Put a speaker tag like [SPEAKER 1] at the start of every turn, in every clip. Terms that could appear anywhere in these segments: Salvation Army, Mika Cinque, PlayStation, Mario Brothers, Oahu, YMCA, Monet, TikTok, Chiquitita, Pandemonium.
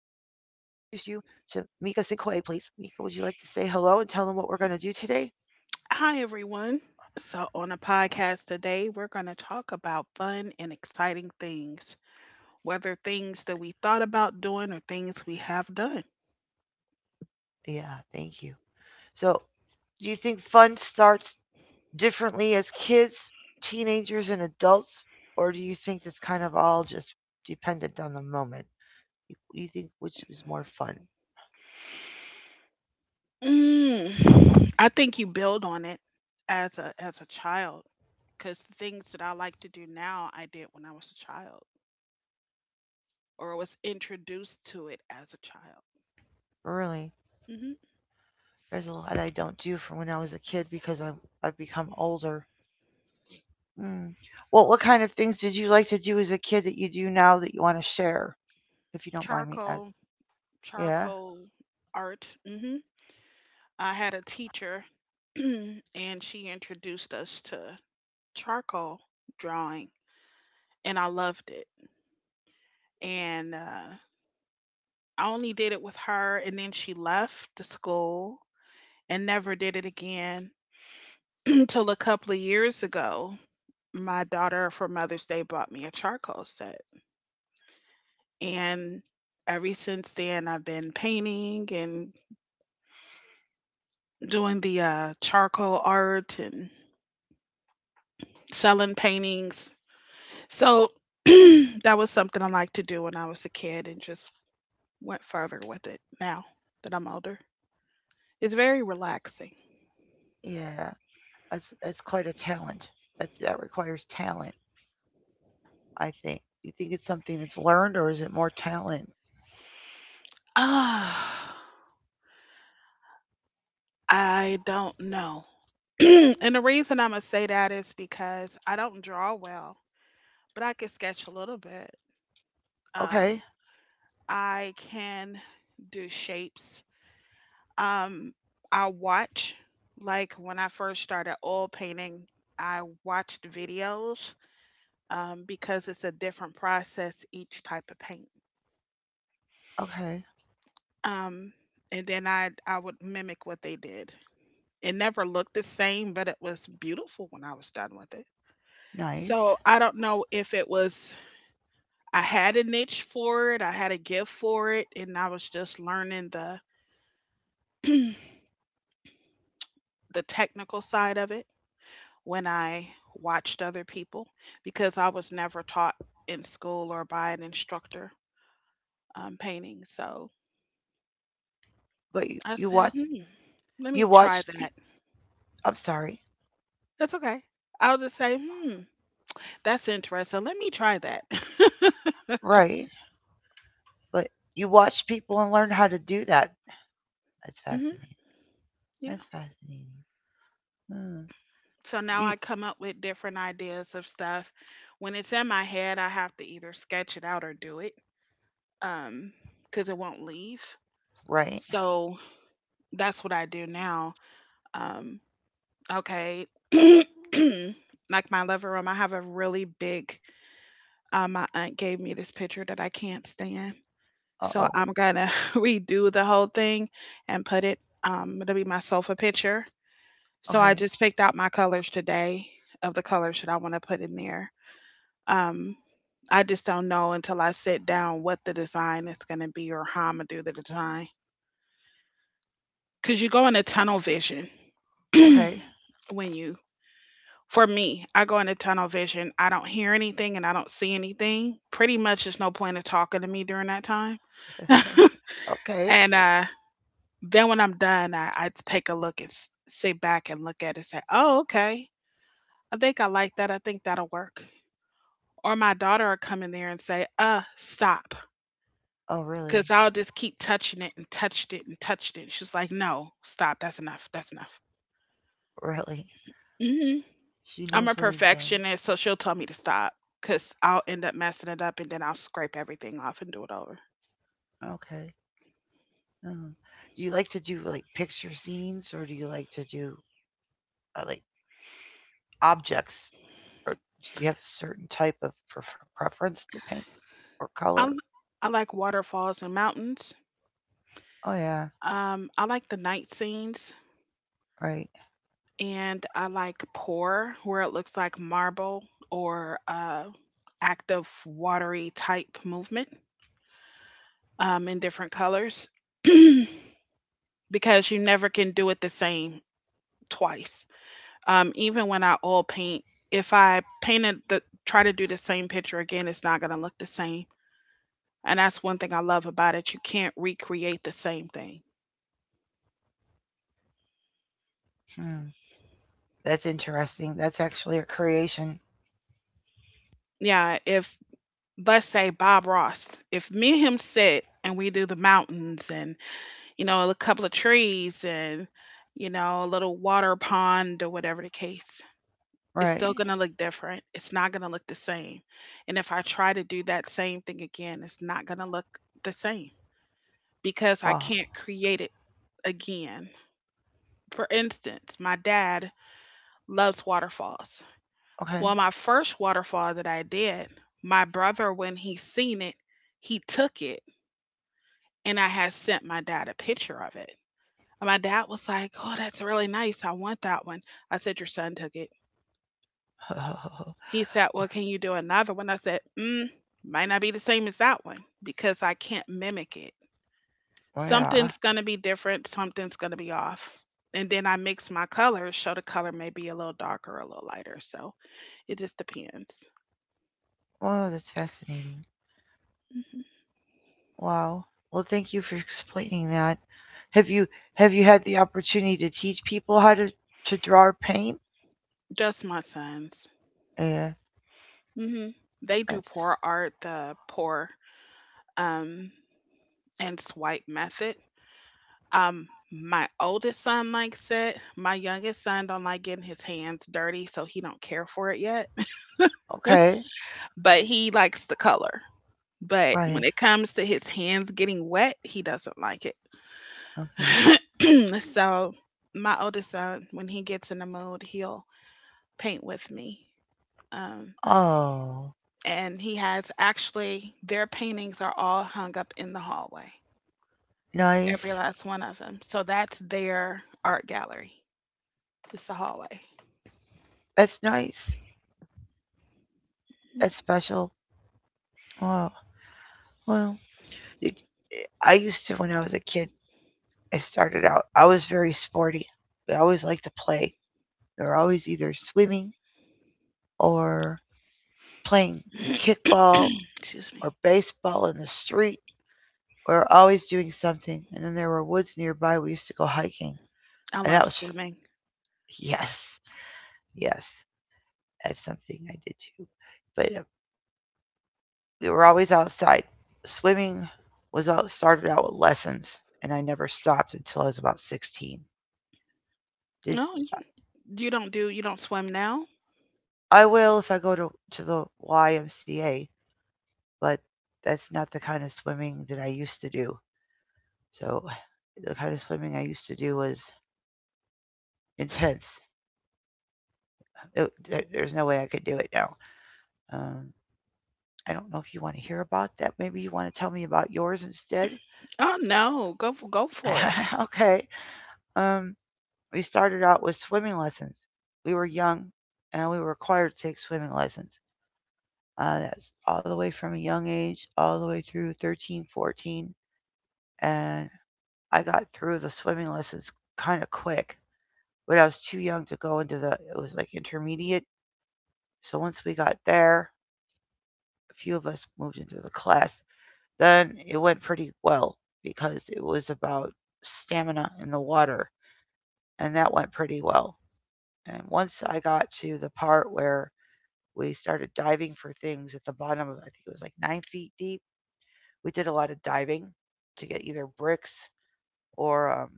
[SPEAKER 1] you to Mika Cinque, please. Mika, would you like to say hello and tell them what we're going to do today?
[SPEAKER 2] Hi, everyone. So, on a podcast today, we're going to talk about fun and exciting things, whether things that we thought about doing or things we have done.
[SPEAKER 1] Yeah, thank you. So, do you think fun starts differently as kids, teenagers, and adults, or do you think it's kind of all just dependent on the moment? Do you think which is more fun?
[SPEAKER 2] I think you build on it as a child, because the things that I like to do now, I did when I was a child, or was introduced to it as a child.
[SPEAKER 1] Really,
[SPEAKER 2] Hmm.
[SPEAKER 1] there's a lot I don't do from when I was a kid because I've become older. Mm. What kind of things did you like to do as a kid that you do now that you want to share, if you don't mind me asking?
[SPEAKER 2] Charcoal,
[SPEAKER 1] Yeah,
[SPEAKER 2] charcoal art. Hmm. I had a teacher, and she introduced us to charcoal drawing, and I loved it. And I only did it with her, and then she left the school and never did it again until a couple of years ago. My daughter for Mother's Day bought me a charcoal set, and ever since then, I've been painting and doing the charcoal art and selling paintings. So that was something I liked to do when I was a kid and just went further with it now that I'm older. It's very relaxing.
[SPEAKER 1] yeah, that's quite a talent. That requires talent, I think. You think it's something that's learned, or is it more talent?
[SPEAKER 2] Ah, I don't know. And the reason I'm gonna say that is because I don't draw well, but I can sketch a little bit. Um,
[SPEAKER 1] Okay,
[SPEAKER 2] I can do shapes. Um, I watch, like when I first started oil painting, I watched videos because it's a different process each type of paint.
[SPEAKER 1] okay,
[SPEAKER 2] Um, and then I would mimic what they did. It never looked the same, but it was beautiful when I was done with it.
[SPEAKER 1] nice.
[SPEAKER 2] So I don't know if it was I had a niche for it, I had a gift for it, and I was just learning the the technical side of it when I watched other people because I was never taught in school or by an instructor painting. So
[SPEAKER 1] But you,
[SPEAKER 2] I
[SPEAKER 1] you
[SPEAKER 2] said,
[SPEAKER 1] watch
[SPEAKER 2] let me
[SPEAKER 1] you
[SPEAKER 2] try
[SPEAKER 1] watch. Pe-
[SPEAKER 2] that.
[SPEAKER 1] I'm sorry,
[SPEAKER 2] That's okay. I'll just say, that's interesting. Let me try that.
[SPEAKER 1] right? But you watch people and learn how to do that. That's
[SPEAKER 2] Hmm.
[SPEAKER 1] fascinating.
[SPEAKER 2] Yeah.
[SPEAKER 1] That's fascinating. Hmm.
[SPEAKER 2] So now
[SPEAKER 1] You
[SPEAKER 2] I come up with different ideas of stuff. When it's in my head, I have to either sketch it out or do it um, because it won't leave.
[SPEAKER 1] Right?
[SPEAKER 2] So that's what I do now. Um, okay. Like my living room, I have a really big, my aunt gave me this picture that I can't stand.
[SPEAKER 1] Uh
[SPEAKER 2] So
[SPEAKER 1] oh.
[SPEAKER 2] I'm going to redo the whole thing and it'll be my sofa picture. So I
[SPEAKER 1] Okay.
[SPEAKER 2] just picked out my colors today of the colors that I want to put in there. Um, I just don't know until I sit down what the design is going to be or how I'm going to do the design. Because you go into tunnel vision
[SPEAKER 1] Okay.
[SPEAKER 2] when you, for me, I go into tunnel vision. I don't hear anything and I don't see anything. Pretty much, there's no point of talking to me during that time.
[SPEAKER 1] Okay.
[SPEAKER 2] And then when I'm done, I take a look and sit back and look at it and say, "Oh, okay. I think I like that. I think that'll work." Or my daughter will come in there and say, "Stop."
[SPEAKER 1] Oh, really?
[SPEAKER 2] Cause I'll just keep touching it and touched it and touched it. She's like, "No, stop. That's enough. That's enough."
[SPEAKER 1] Really?
[SPEAKER 2] Hmm.
[SPEAKER 1] She
[SPEAKER 2] I'm a
[SPEAKER 1] knows what is done.
[SPEAKER 2] perfectionist, so she'll tell me to stop. Cause I'll end up messing it up and then I'll scrape everything off and do it over.
[SPEAKER 1] Okay. Mm. Do you like to do like picture scenes or do you like to do like objects? Or do you have a certain type of preference to paint or color?
[SPEAKER 2] I I like waterfalls and mountains.
[SPEAKER 1] Oh, yeah.
[SPEAKER 2] I like the night scenes,
[SPEAKER 1] Right.
[SPEAKER 2] and I like pour where it looks like marble, or active watery type movement in different colors, because you never can do it the same twice. Even when I oil paint, if I painted the try to do the same picture again, it's not gonna look the same. And that's one thing I love about it. You can't recreate the same thing.
[SPEAKER 1] Hmm. That's interesting. That's actually a creation.
[SPEAKER 2] Yeah, if let's say Bob Ross, if me and him sit and we do the mountains and a couple of trees and a little water pond, or whatever the case, it's
[SPEAKER 1] Right.
[SPEAKER 2] still gonna look different. It's not gonna look the same. And if I try to do that same thing again, it's not gonna look the same, because I
[SPEAKER 1] Wow.
[SPEAKER 2] can't create it again. For instance, my dad loves waterfalls.
[SPEAKER 1] Okay.
[SPEAKER 2] Well, my first waterfall that I did, my brother, when he seen it, he took it, and I had sent my dad a picture of it. And my dad was like, "Oh, that's really nice. I want that one." I said, "Your son took it." He said, "Well, can you do another one?" I said, Might not be the same as that one because I can't mimic it.
[SPEAKER 1] Oh, yeah.
[SPEAKER 2] Something's going to be different, something's going to be off." And then I mix my colors, so the color may be a little darker, a little lighter. So it just depends.
[SPEAKER 1] Wow, that's fascinating.
[SPEAKER 2] Hmm.
[SPEAKER 1] Wow. Well, thank you for explaining that. Have you have you had the opportunity to teach people how to draw or paint?
[SPEAKER 2] Just my sons.
[SPEAKER 1] Yeah.
[SPEAKER 2] Hmm. They do
[SPEAKER 1] That's,
[SPEAKER 2] pour art, the pour um, and swipe method. My oldest son likes it. My youngest son don't like getting his hands dirty, so he don't care for it yet.
[SPEAKER 1] okay.
[SPEAKER 2] But he likes the color. But when
[SPEAKER 1] Right.
[SPEAKER 2] it comes to his hands getting wet, he doesn't like it.
[SPEAKER 1] Okay.
[SPEAKER 2] So my oldest son, when he gets in the mood, he'll paint with me. Um,
[SPEAKER 1] Oh,
[SPEAKER 2] and he has Actually, their paintings are all hung up in the hallway,
[SPEAKER 1] nice.
[SPEAKER 2] every last one of them. So that's their art gallery. It's the hallway.
[SPEAKER 1] That's nice. That's special. Wow. Well, it, I used to when I was a kid. I started out. I was very sporty. I always liked to play. We were always either swimming or playing kickball
[SPEAKER 2] Excuse me.
[SPEAKER 1] or baseball in the street. We were always doing something, and then there were woods nearby. We used to go hiking,
[SPEAKER 2] I
[SPEAKER 1] and
[SPEAKER 2] love
[SPEAKER 1] that was
[SPEAKER 2] swimming.
[SPEAKER 1] yes, yes, that's something I did too. But we were always outside. Swimming was all started out with lessons, and I never stopped until I was about 16. Did
[SPEAKER 2] No, you don't do you don't swim now?
[SPEAKER 1] I will if I go to the YMCA, but that's not the kind of swimming that I used to do. So the kind of swimming I used to do was intense. There's no way I could do it now. Um, I don't know if you want to hear about that. Maybe you want to tell me about yours instead.
[SPEAKER 2] Oh no, go for it.
[SPEAKER 1] Okay. Um, we started out with swimming lessons. We were young and we were required to take swimming lessons. That's all the way from a young age, all the way through 13, 14, and I got through the swimming lessons kind of quick, but I was too young to go into it was like intermediate. So once we got there, a few of us moved into the class. Then it went pretty well because it was about stamina in the water, and that went pretty well. And once I got to the part where we started diving for things at the bottom of, I think it was like 9 feet deep, we did a lot of diving to get either bricks or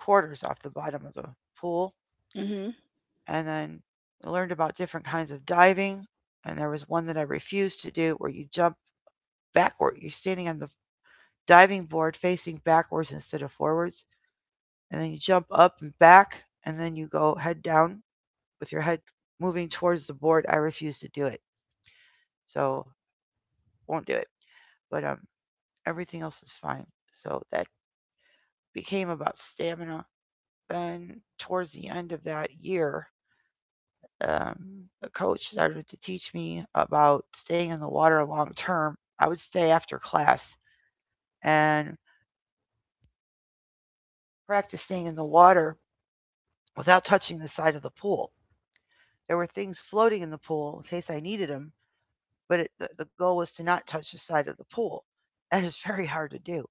[SPEAKER 1] quarters off the bottom of the pool.
[SPEAKER 2] Mhm.
[SPEAKER 1] And then I learned about different kinds of diving. And there was one that I refused to do where you jump backward. You're standing on the diving board facing backwards instead of forwards, and then you jump up and back, and then you go head down with your head moving towards the board. I refuse to do it, so won't do it. But everything else was fine. So that became about stamina. Then towards the end of that year, um, the coach started to teach me about staying in the water long term. I would stay after class and practice staying in the water without touching the side of the pool. There were things floating in the pool in case I needed them, but the goal was to not touch the side of the pool. That is very hard to do.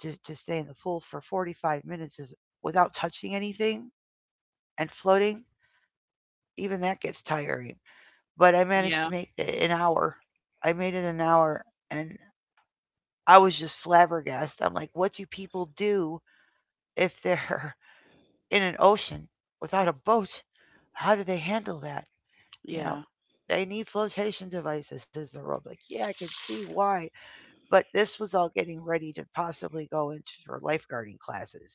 [SPEAKER 1] To stay in the pool for 45 minutes is, without touching anything and floating, even that gets tiring. But I managed to
[SPEAKER 2] Yeah,
[SPEAKER 1] make it an hour. I made it an hour and I was just flabbergasted. I'm like, what do people do if they're in an ocean without a boat? How do they handle that? You know,
[SPEAKER 2] yeah.
[SPEAKER 1] they need flotation devices, is the rule. Like, yeah, I can see why. But this was all getting ready to possibly go into her lifeguarding classes.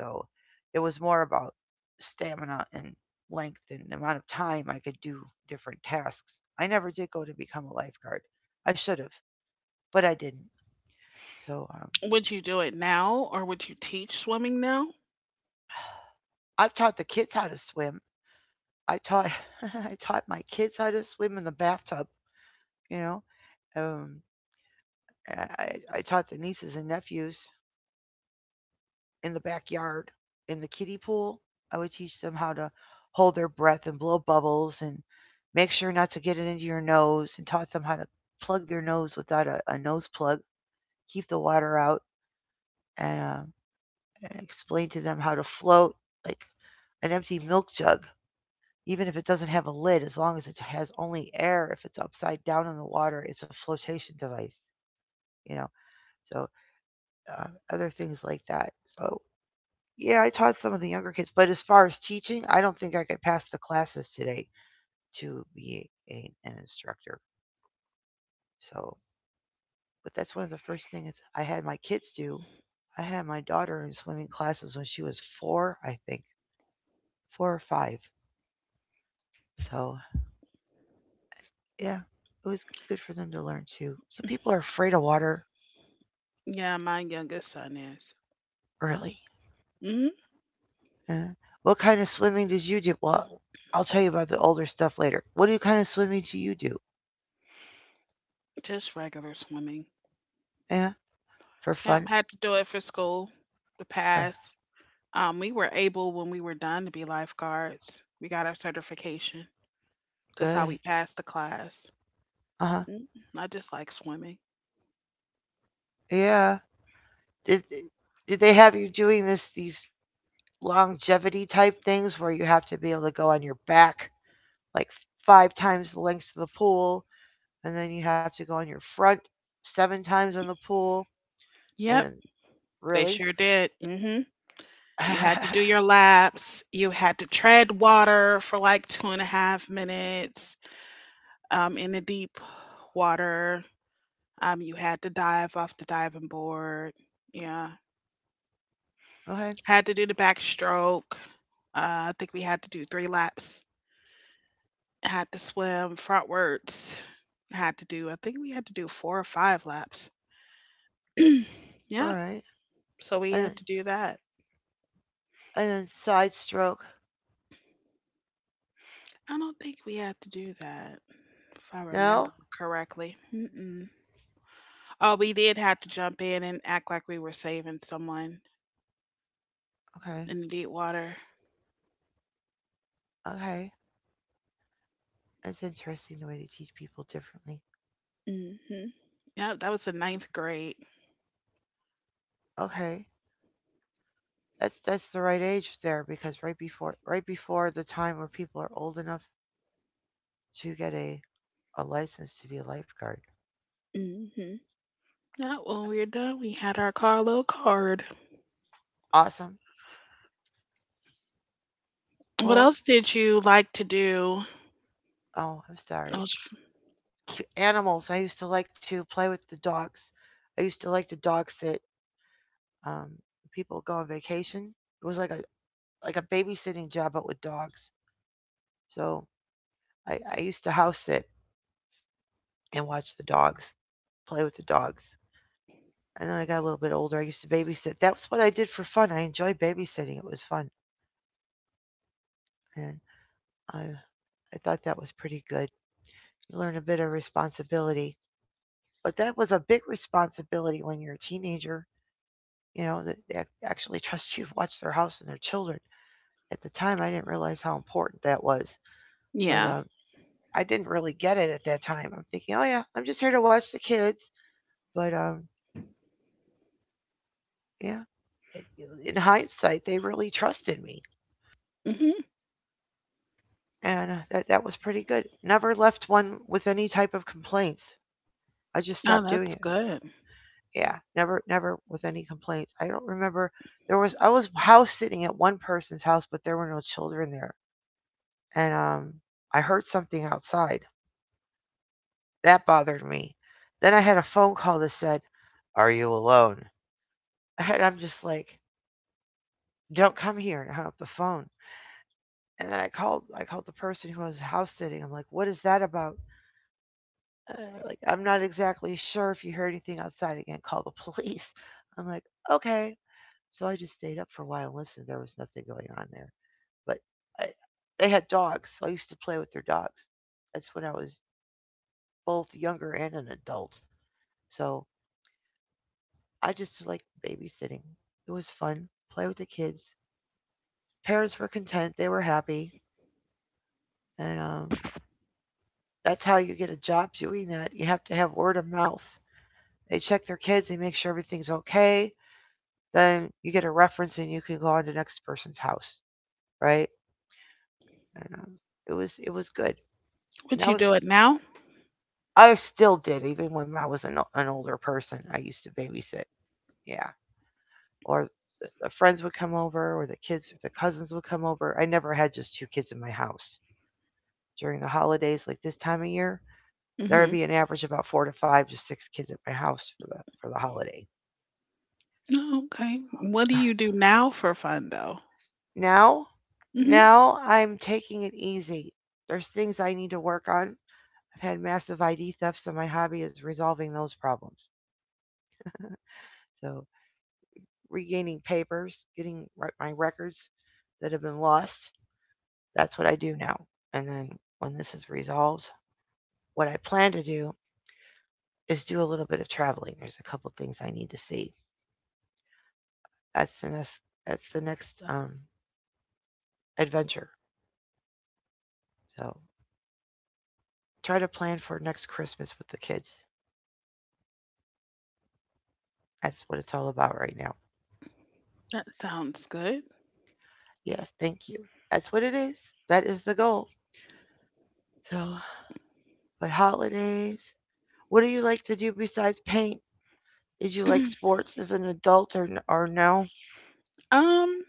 [SPEAKER 1] So it was more about stamina and length and the amount of time I could do different tasks. I never did go to become a lifeguard. I should have, but I didn't. So
[SPEAKER 2] Would you do it now, or would you teach swimming now?
[SPEAKER 1] I've taught the kids how to swim. I taught I taught my kids how to swim in the bathtub. You know, um, I taught the nieces and nephews in the backyard in the kiddie pool. I would teach them how to hold their breath and blow bubbles and make sure not to get it into your nose and taught them how to plug their nose without a nose plug, keep the water out, and, um, and explain to them how to float like an empty milk jug, even if it doesn't have a lid, as long as it has only air. If it's upside down in the water, it's a flotation device, you know. So other things like that. So yeah, I taught some of the younger kids, but as far as teaching, I don't think I could pass the classes today to be an instructor. So, but that's one of the first things I had my kids do. I had my daughter in swimming classes when she was four, I think, four or five. So, yeah, it was good for them to learn too. Some people are afraid of water
[SPEAKER 2] Yeah, my youngest son is.
[SPEAKER 1] early.
[SPEAKER 2] Hmm.
[SPEAKER 1] Uh, what kind of swimming did you do? Well, I'll tell you about the older stuff later. What do you kind of swimming do you do?
[SPEAKER 2] Just regular swimming.
[SPEAKER 1] Yeah, for fun.
[SPEAKER 2] Yep, had to do it for school to
[SPEAKER 1] Right.
[SPEAKER 2] pass. We were able when we were done to be lifeguards. We got our certification. That's how
[SPEAKER 1] Good.
[SPEAKER 2] we passed the class.
[SPEAKER 1] Uh-huh.
[SPEAKER 2] Mm, I just like swimming.
[SPEAKER 1] Yeah. Did eh, did they have you doing this these longevity type things where you have to be able to go on your back like five times the length of the pool and then you have to go on your front seven times on the pool and
[SPEAKER 2] Yep,
[SPEAKER 1] then
[SPEAKER 2] they
[SPEAKER 1] really?
[SPEAKER 2] sure did. Hmm. You had to do your laps. You had to tread water for like 2.5 minutes in the deep water. You had to dive off the diving board. Yeah,
[SPEAKER 1] Okay.
[SPEAKER 2] had to do the backstroke. I think we had to do three laps. Had to swim frontwards. I think we had to do four or five laps.
[SPEAKER 1] All
[SPEAKER 2] Yep.
[SPEAKER 1] right.
[SPEAKER 2] So we
[SPEAKER 1] And then,
[SPEAKER 2] had to do that.
[SPEAKER 1] and then side stroke.
[SPEAKER 2] I don't think we had to do that, if I remember
[SPEAKER 1] No?
[SPEAKER 2] correctly. Mm-mm. Oh, we did have to jump in and act like we were saving someone
[SPEAKER 1] Okay.
[SPEAKER 2] in the deep water.
[SPEAKER 1] Okay. That's interesting the way they teach people differently.
[SPEAKER 2] Mm-hmm. Yep, that was the ninth grade.
[SPEAKER 1] Okay. That's the right age there because right before the time where people are old enough to get a license to be a lifeguard.
[SPEAKER 2] Mm-hmm. Yep, when we were done, we had our Carlo card.
[SPEAKER 1] Awesome.
[SPEAKER 2] What
[SPEAKER 1] Well,
[SPEAKER 2] else did you like to do?
[SPEAKER 1] oh, I'm
[SPEAKER 2] I
[SPEAKER 1] sorry.
[SPEAKER 2] was
[SPEAKER 1] Animals. I used to like to play with the dogs. I used to like to dog sit. Um, People go on vacation. It was like a babysitting job, but with dogs. So I used to house sit and watch the dogs, play with the dogs. And then I got a little bit older. I used to babysit. That was what I did for fun. I enjoyed babysitting. It was fun. And I thought that was pretty good. You learn a bit of responsibility, but that was a big responsibility when you're a teenager. You know, that they actually trust you to watch their house and their children. At the time, I didn't realize how important that was, but
[SPEAKER 2] Yeah.
[SPEAKER 1] I didn't really get it at that time. I'm thinking, oh yeah, I'm just here to watch the kids. But yeah, it, in hindsight, they really trusted me,
[SPEAKER 2] Mhm.
[SPEAKER 1] and that was pretty good. Never left one with any type of complaints. I just
[SPEAKER 2] Oh,
[SPEAKER 1] stopped doing
[SPEAKER 2] that's
[SPEAKER 1] it.
[SPEAKER 2] good.
[SPEAKER 1] Yeah, never with any complaints. I don't remember there was I was house sitting at one person's house, but there were no children there, and I heard something outside that bothered me. Then I had a phone call that said, "Are you alone?" And I'm just like, "Don't come here," and I hung up the phone. And then I called the person who was house sitting. I'm like, "What is that about?" Uh, like, I'm not exactly sure if you heard anything outside. Again, call the police. I'm like, "Okay." So I just stayed up for a while and listened. There was nothing going on there. But I, they had dogs, so I used to play with their dogs. That's when I was both younger and an adult. So I just like babysitting. It was fun. Play with the kids. Parents were content. They were happy. And that's how you get a job doing that. You have to have word of mouth. They check their kids. They make sure everything's okay. Then you get a reference and you can go on to the next person's house, right? And, um, it was good. And
[SPEAKER 2] Would
[SPEAKER 1] I
[SPEAKER 2] you
[SPEAKER 1] was
[SPEAKER 2] do it now?
[SPEAKER 1] I still did, even when I was an older person. I used to babysit. Yeah. Or the friends would come over, or the kids, the cousins would come over. I never had just two kids in my house. During the holidays, like this time of year, there would
[SPEAKER 2] Mhm.
[SPEAKER 1] be an average about four to five to six kids at my house for the holiday.
[SPEAKER 2] Oh, okay. What do you do now for fun, though?
[SPEAKER 1] Now,
[SPEAKER 2] Mhm.
[SPEAKER 1] now I'm taking it easy. There's things I need to work on. I've had massive ID thefts, so my hobby is resolving those problems. So regaining papers, getting my records that have been lost. That's what I do now. And then when this is resolved, what I plan to do is do a little bit of traveling. There's a couple things I need to see. That's the next. That's the next adventure. So try to plan for next Christmas with the kids. That's what it's all about right now.
[SPEAKER 2] That sounds good.
[SPEAKER 1] Yes, thank you. That's what it is. That is the goal. So, but holidays. What do you like to do besides paint? Did you like sports as an adult, or no?
[SPEAKER 2] Um,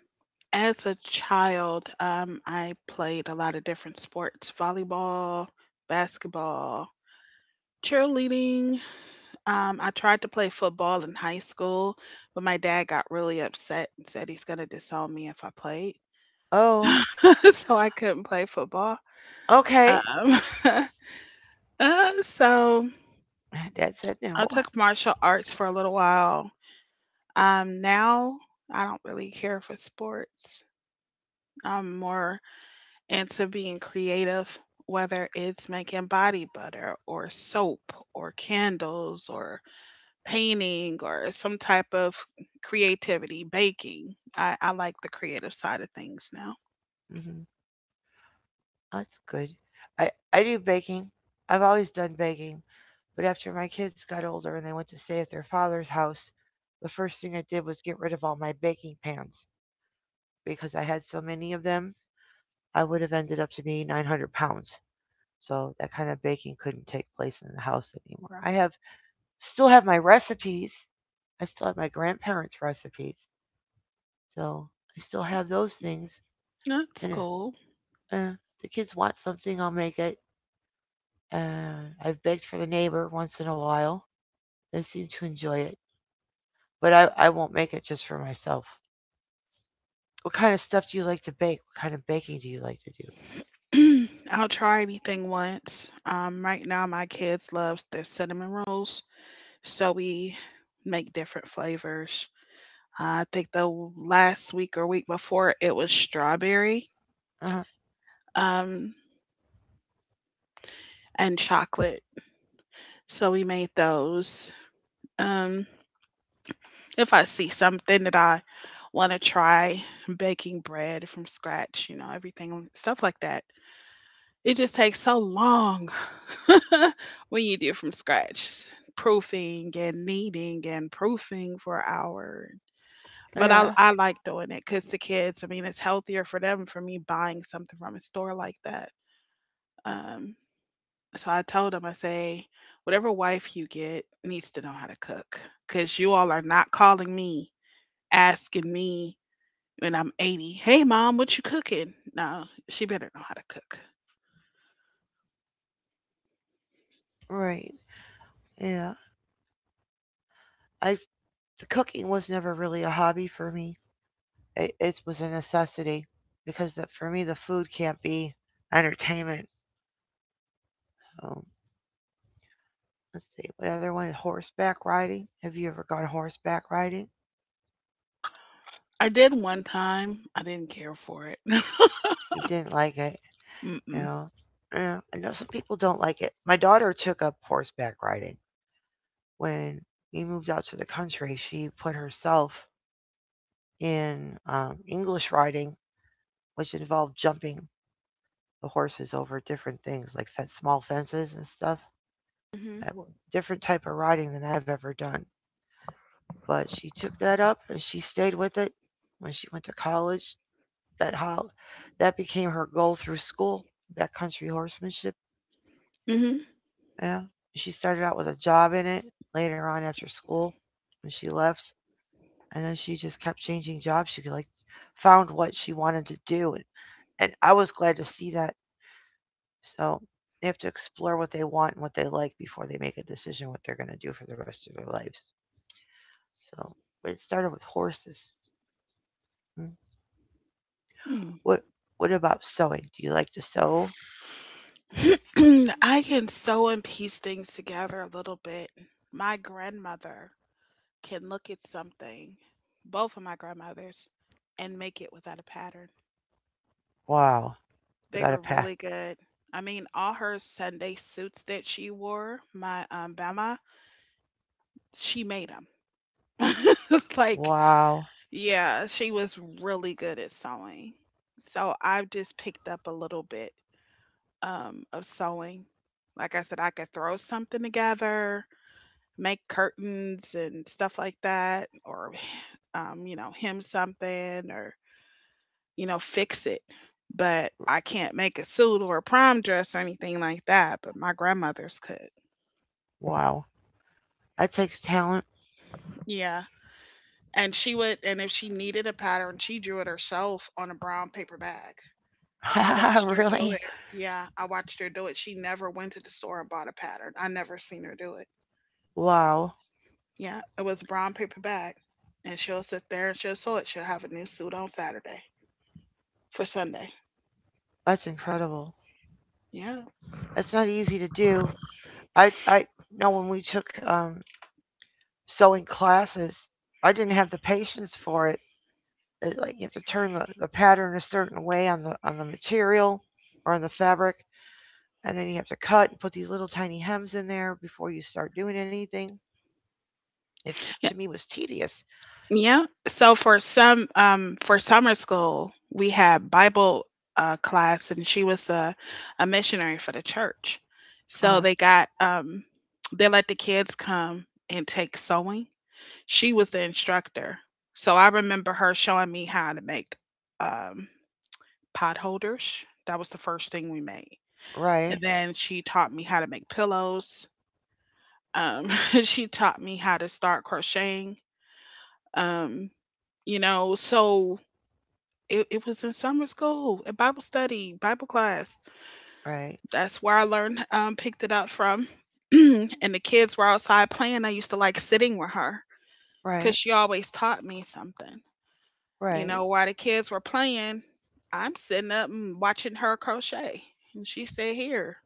[SPEAKER 2] as a child, I played a lot of different sports, volleyball, basketball, cheerleading. I tried to play football in high school, but my dad got really upset and said he's gonna disown me if I played.
[SPEAKER 1] Oh,
[SPEAKER 2] So I couldn't play football.
[SPEAKER 1] okay.
[SPEAKER 2] Um, uh, so
[SPEAKER 1] Dad said
[SPEAKER 2] I
[SPEAKER 1] no.
[SPEAKER 2] took martial arts for a little while. Now I don't really care for sports. I'm more into being creative, whether it's making body butter or soap or candles or painting or some type of creativity, baking. I like the creative side of things now.
[SPEAKER 1] Hmm. That's good. I do baking. I've always done baking. But after my kids got older and they went to stay at their father's house, the first thing I did was get rid of all my baking pans because I had so many of them, I would have ended up to be 900 pounds. So that kind of baking couldn't take place in the house anymore. I have Still have my recipes. I still have my grandparents' recipes. So I still have those things.
[SPEAKER 2] That's
[SPEAKER 1] And
[SPEAKER 2] cool.
[SPEAKER 1] uh, the kids want something, I'll make it. I've begged for the neighbor once in a while. They seem to enjoy it. But I won't make it just for myself. What kind of stuff do you like to bake? What kind of baking do you like to do?
[SPEAKER 2] I'll try anything once. Right now, my kids love their cinnamon rolls. So we make different flavors. I think the last week or week before it was strawberry
[SPEAKER 1] Uh,
[SPEAKER 2] um, and chocolate. So we made those. Um, if I see something that I want to try, baking bread from scratch, everything, stuff like that. It just takes so long when you do from scratch, proofing and kneading and proofing for hours. But I
[SPEAKER 1] yeah,
[SPEAKER 2] I like doing it cause the kids, I mean, it's healthier for them for me buying something from a store like that. Um, so I told them, I say, whatever wife you get needs to know how to cook, cause you all are not calling me asking me when I'm 80, "Hey mom, what you cooking?" No, she better know how to cook.
[SPEAKER 1] right. Yeah. I The cooking was never really a hobby for me. It was a necessity because that for me the food can't be entertainment. So let's see, what other one? Horseback riding. Have you ever gone horseback riding?
[SPEAKER 2] I did one time. I didn't care for it.
[SPEAKER 1] You didn't like it, you
[SPEAKER 2] Mm-mm.
[SPEAKER 1] know? Yeah, I know some people don't like it. My daughter took up horseback riding when we moved out to the country. She put herself in English riding, which involved jumping the horses over different things like fen small fences and stuff. That w- Different type of riding than I've ever done. But she took that up and she stayed with it when she went to college. that hol- that became her goal through school, backcountry horsemanship.
[SPEAKER 2] Mm-hmm.
[SPEAKER 1] Yeah. She started out with a job in it later on after school and she left and then she just kept changing jobs. She like found what she wanted to do, and I was glad to see that. So they have to explore what they want and what they like before they make a decision what they're gonna do for the rest of their lives. So but it started with horses. Mm. What what about sewing? Do you like to sew?
[SPEAKER 2] Mm. I can sew and piece things together a little bit. My grandmother can look at something, both of my grandmothers, and make it without a pattern.
[SPEAKER 1] Wow.
[SPEAKER 2] They
[SPEAKER 1] Without
[SPEAKER 2] were
[SPEAKER 1] a path.
[SPEAKER 2] really good. I mean, all her Sunday suits that she wore, my Bama, she made 'em. Like,
[SPEAKER 1] Wow.
[SPEAKER 2] yeah, she was really good at sewing. So I've just picked up a little bit of sewing. Like I said, I could throw something together, make curtains and stuff like that, or, hem something or, fix it. But I can't make a suit or a prom dress or anything like that. But my grandmother's could.
[SPEAKER 1] Wow. That takes talent.
[SPEAKER 2] Yeah. And she would, and if she needed a pattern, she drew it herself on a brown paper bag. I watched her do
[SPEAKER 1] Really?
[SPEAKER 2] it. Yeah, I watched her do it. She never went to the store and bought a pattern. I never seen her do it.
[SPEAKER 1] Wow.
[SPEAKER 2] Yeah, it was brown paper bag. And she'll sit there and she'll sew it. She'll have a new suit on Saturday for Sunday.
[SPEAKER 1] That's incredible.
[SPEAKER 2] Yeah.
[SPEAKER 1] That's not easy to do. I know when we took sewing classes, I didn't have the patience for it. It- like you have to turn the pattern a certain way on the material or on the fabric, and then you have to cut and put these little tiny hems in there before you start doing anything. It to
[SPEAKER 2] Yeah.
[SPEAKER 1] me was tedious.
[SPEAKER 2] Yeah. So for summer school, we had Bible class and she was a missionary for the church.
[SPEAKER 1] Uh
[SPEAKER 2] So
[SPEAKER 1] huh.
[SPEAKER 2] they let the kids come and take sewing. She was the instructor. So I remember her showing me how to make um, pot holders. That was the first thing we made.
[SPEAKER 1] Right.
[SPEAKER 2] And then she taught me how to make pillows. Um, she taught me how to start crocheting. Um, so it was in summer school, at Bible study, Bible class.
[SPEAKER 1] Right.
[SPEAKER 2] That's where I learned, picked it up from. And the kids were outside playing. I used to like sitting with her because
[SPEAKER 1] Right.
[SPEAKER 2] she always taught me something.
[SPEAKER 1] Right.
[SPEAKER 2] While the kids were playing, I'm sitting up and watching her crochet. And she said, "Here."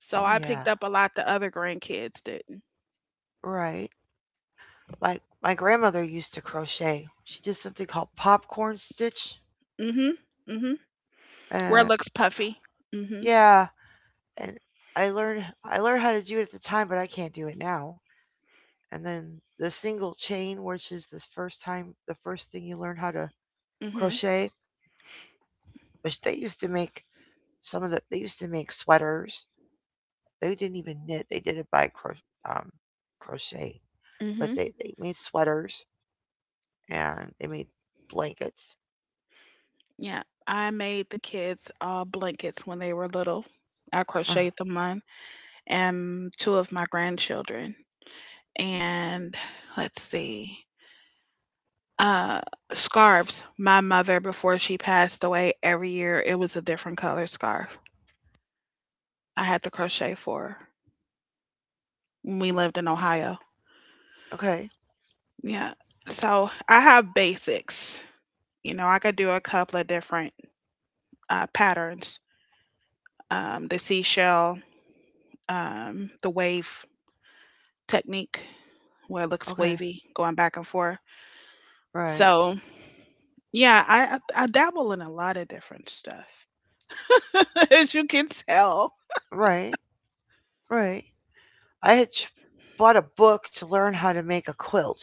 [SPEAKER 2] So
[SPEAKER 1] Oh
[SPEAKER 2] I picked
[SPEAKER 1] yeah.
[SPEAKER 2] up a lot the other grandkids didn't.
[SPEAKER 1] Right. My my grandmother used to crochet. She did something called popcorn stitch.
[SPEAKER 2] Mm hmm. Mm hmm. Where it
[SPEAKER 1] Uh,
[SPEAKER 2] looks puffy. Mm hmm.
[SPEAKER 1] yeah, and I learned I learned how to do it at the time, but I can't do it now. And then the single chain, which is the first thing you learn how to
[SPEAKER 2] Mm hmm.
[SPEAKER 1] crochet, which they used to make some of the they used to make sweaters. They didn't even knit; they did it by um, crochet.
[SPEAKER 2] Mm
[SPEAKER 1] But
[SPEAKER 2] hmm.
[SPEAKER 1] they made sweaters and they made blankets.
[SPEAKER 2] Yeah. I made the kids blankets when they were little. I
[SPEAKER 1] Uh,
[SPEAKER 2] crocheted them one and two of my grandchildren. And let's see. Uh, Scarves. My mother, before she passed away, every year it was a different color scarf. I had to crochet for when we lived in Ohio.
[SPEAKER 1] okay,
[SPEAKER 2] Yeah. So I have basics. You know, I could do a couple of different patterns. The seashell, the wave technique, where it looks
[SPEAKER 1] okay,
[SPEAKER 2] wavy going back and forth.
[SPEAKER 1] right,
[SPEAKER 2] So yeah, I dabble in a lot of different stuff, as you can tell.
[SPEAKER 1] right. Right. I had ch- Bought a book to learn how to make a quilt.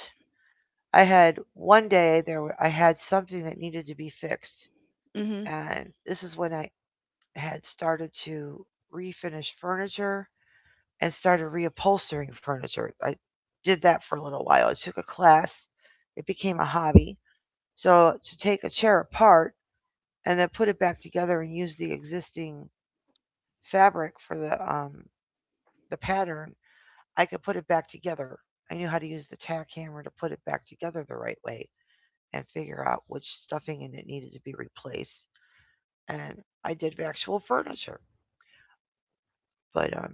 [SPEAKER 1] I had one day there were, I had something that needed to be fixed,
[SPEAKER 2] Mhm.
[SPEAKER 1] and this is when I had started to refinish furniture and started reupholstering furniture. I did that for a little while. I took a class. It became a hobby. So to take a chair apart and then put it back together and use the existing fabric for the pattern, I could put it back together. I knew how to use the tack hammer to put it back together the right way and figure out which stuffing in it needed to be replaced. And I did actual furniture. But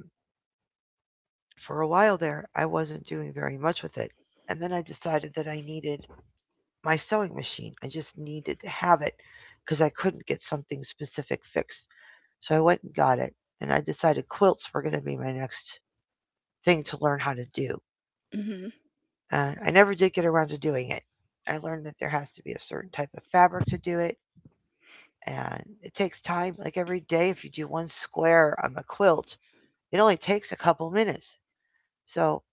[SPEAKER 1] for a while there, I wasn't doing very much with it. And then I decided that I needed my sewing machine. I just needed to have it because I couldn't get something specific fixed. So I went and got it. And I decided quilts were going to be my next thing to learn how to do.
[SPEAKER 2] Mhm.
[SPEAKER 1] I never did get around to doing it. I learned that there has to be a certain type of fabric to do it, and it takes time. Like every day, if you do one square on the quilt, it only takes a couple minutes. So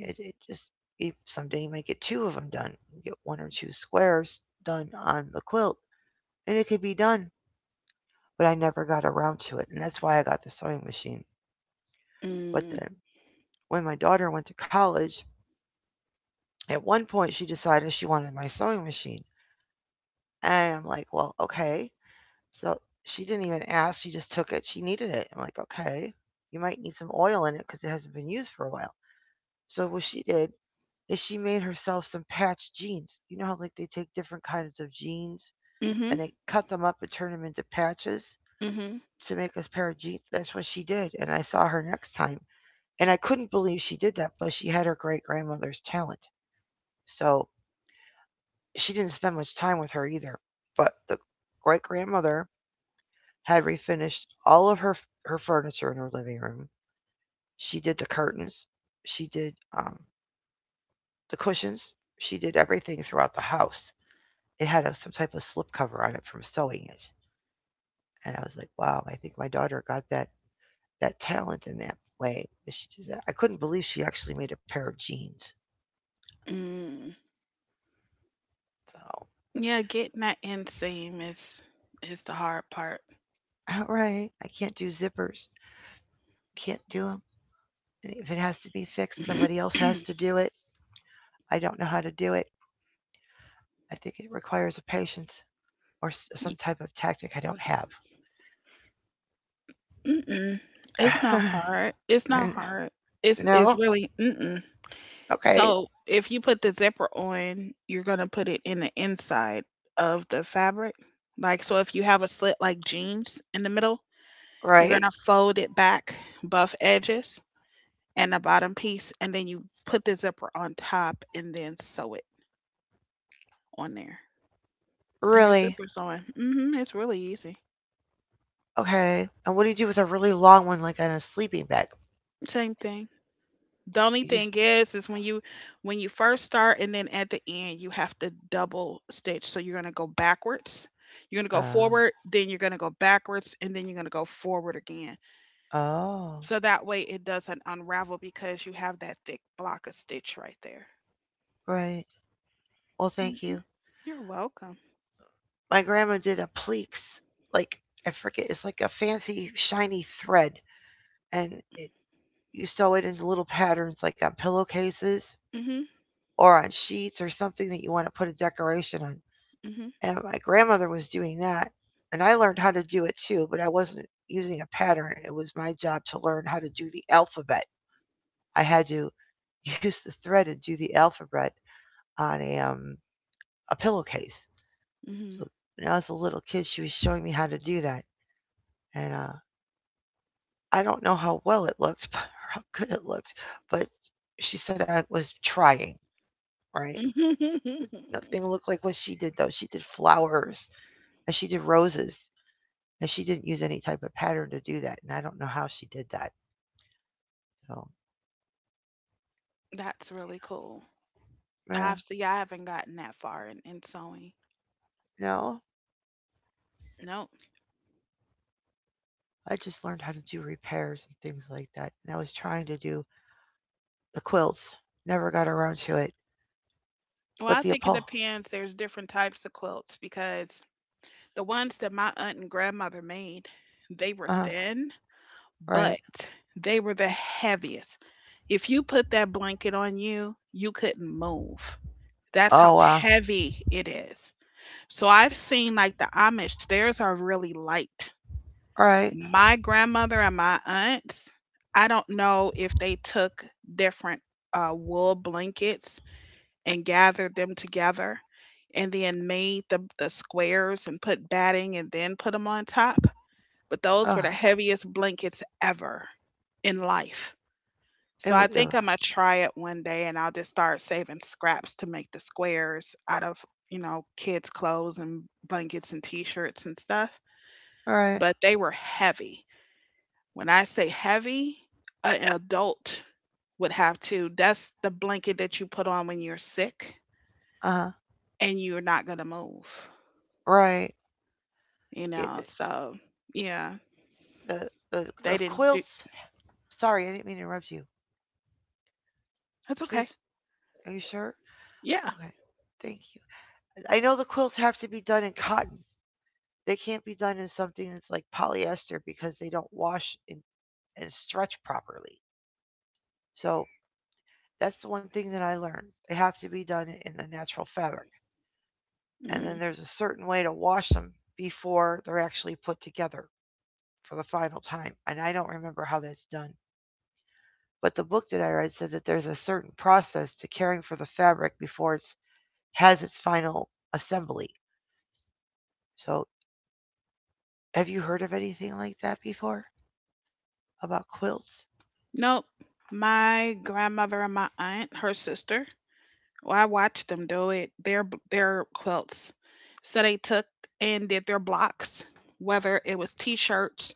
[SPEAKER 1] it just if someday you might get two of them done. You get one or two squares done on the quilt, and it could be done. But I never got around to it, and that's why I got the sewing machine. But
[SPEAKER 2] Mm.
[SPEAKER 1] then when my daughter went to college, at one point she decided she wanted my sewing machine, and I'm like, well, okay. So she didn't even ask. She just took it. She needed it. I'm like, okay, you might need some oil in it because it hasn't been used for a while. So what she did is she made herself some patch jeans. You know how like they take different kinds of jeans
[SPEAKER 2] Mhm.
[SPEAKER 1] and they cut them up and turn them into patches
[SPEAKER 2] Mhm.
[SPEAKER 1] to make a pair of jeans. That's what she did. And I saw her next time, and I couldn't believe she did that. But she had her great grandmother's talent, so she didn't spend much time with her either. But the great grandmother had refinished all of her furniture in her living room. She did the curtains. She did um, the cushions. She did everything throughout the house. It had a, some type of slip cover on it from sewing it, and I was like, wow, I think my daughter got that talent in that way. She does that. I couldn't believe she actually made a pair of jeans.
[SPEAKER 2] Mm.
[SPEAKER 1] So,
[SPEAKER 2] Yeah, getting that inseam is the hard part.
[SPEAKER 1] all right, I can't do zippers. Can't do them. If it has to be fixed, somebody else has to do it. I don't know how to do it. I think it requires a patience. Or
[SPEAKER 2] Y-
[SPEAKER 1] some type of tactic I don't
[SPEAKER 2] Mm-mm. It's not
[SPEAKER 1] have.
[SPEAKER 2] hard. It's not hard. It's
[SPEAKER 1] No?
[SPEAKER 2] really mm-mm.
[SPEAKER 1] Okay.
[SPEAKER 2] So if you put the zipper on, you're gonna put it in the inside of the fabric. Like so, if you have a slit like jeans in the middle, you're
[SPEAKER 1] Right?
[SPEAKER 2] gonna fold it back, buff edges, and the bottom piece, and then you put the zipper on top, and then sew it on there. And your
[SPEAKER 1] Really?
[SPEAKER 2] zipper's on. Mm-hmm. It's really easy.
[SPEAKER 1] Okay. And what do you do with a really long one, like on a sleeping bag?
[SPEAKER 2] Same thing. The only
[SPEAKER 1] You just,
[SPEAKER 2] thing is when you first start and then at the end you have to double stitch. So you're gonna go backwards. You're gonna go
[SPEAKER 1] uh,
[SPEAKER 2] forward, then you're gonna go backwards, and then you're gonna go forward again.
[SPEAKER 1] oh,
[SPEAKER 2] So that way it doesn't unravel because you have that thick block of stitch right there.
[SPEAKER 1] right. Well, thank
[SPEAKER 2] Hmm.
[SPEAKER 1] you.
[SPEAKER 2] You're welcome.
[SPEAKER 1] My grandma did a pleats. Like, I forget, it's like a fancy, shiny thread. And it, you sew it into little patterns, like on pillowcases
[SPEAKER 2] Hmm.
[SPEAKER 1] or on sheets or something that you want to put a decoration on.
[SPEAKER 2] Hmm.
[SPEAKER 1] And my grandmother was doing that and I learned how to do it too, but I wasn't using a pattern. It was my job to learn how to do the alphabet. I had to use the thread and do the alphabet on a pillowcase. So when I was a little kid she was showing me how to do that. And I don't know how well it looked or how good it looked, but she said I was trying. Right.
[SPEAKER 2] Hmm. Hmm.
[SPEAKER 1] Nothing looked like what she did, though. She did flowers and she did roses. And she didn't use any type of pattern to do that. And I don't know how she did that. So,
[SPEAKER 2] That's really cool.
[SPEAKER 1] yeah,
[SPEAKER 2] I haven't gotten that far in sewing.
[SPEAKER 1] no,
[SPEAKER 2] Nope.
[SPEAKER 1] I just learned how to do repairs and things like that. And I was trying to do the quilts, never got around to it.
[SPEAKER 2] Well,
[SPEAKER 1] But
[SPEAKER 2] I
[SPEAKER 1] the
[SPEAKER 2] think it
[SPEAKER 1] Apollo,
[SPEAKER 2] depends. There's different types of quilts because the ones that my aunt and grandmother made, they
[SPEAKER 1] uh
[SPEAKER 2] were
[SPEAKER 1] huh,
[SPEAKER 2] thin,
[SPEAKER 1] right.
[SPEAKER 2] but they were the heaviest. If you put that blanket on you, you couldn't move. That's
[SPEAKER 1] Oh,
[SPEAKER 2] how
[SPEAKER 1] wow.
[SPEAKER 2] heavy it is. So I've seen like the Amish, theirs are really light.
[SPEAKER 1] All right.
[SPEAKER 2] My grandmother and my aunts, I don't know if they took different wool blankets and gathered them together and then made the squares and put batting and then put them on top but those
[SPEAKER 1] Uh,
[SPEAKER 2] were the heaviest blankets ever in life. So I
[SPEAKER 1] ew,
[SPEAKER 2] think
[SPEAKER 1] ew.
[SPEAKER 2] I'm gonna try it one day and I'll just start saving scraps to make the squares out of, kids' clothes and blankets and t shirts and stuff.
[SPEAKER 1] All right.
[SPEAKER 2] But they were heavy. When I say heavy, an adult would have to. That's the blanket that you put on when you're sick
[SPEAKER 1] Uh huh.
[SPEAKER 2] and you're not gonna move,
[SPEAKER 1] Right.
[SPEAKER 2] you
[SPEAKER 1] It,
[SPEAKER 2] know. So yeah,
[SPEAKER 1] the,
[SPEAKER 2] they
[SPEAKER 1] the
[SPEAKER 2] didn't do.
[SPEAKER 1] quilts. Sorry, I didn't mean to interrupt you.
[SPEAKER 2] That's okay.
[SPEAKER 1] Please, are you sure?
[SPEAKER 2] Yeah.
[SPEAKER 1] Okay. Thank you. I know the quilts have to be done in cotton. They can't be done in something that's like polyester because they don't wash and stretch properly. So that's the one thing that I learned. They have to be done in the natural fabric. And
[SPEAKER 2] Mm-hmm.
[SPEAKER 1] then there's a certain way to wash them before they're actually put together for the final time. And I don't remember how that's done. But the book that I read said that there's a certain process to caring for the fabric before it has its final assembly. So, have you heard of anything like that before about quilts?
[SPEAKER 2] Nope. My grandmother and my aunt, her sister, well, I watched them do it. Their their quilts. So they took and did their blocks, whether it was t-shirts,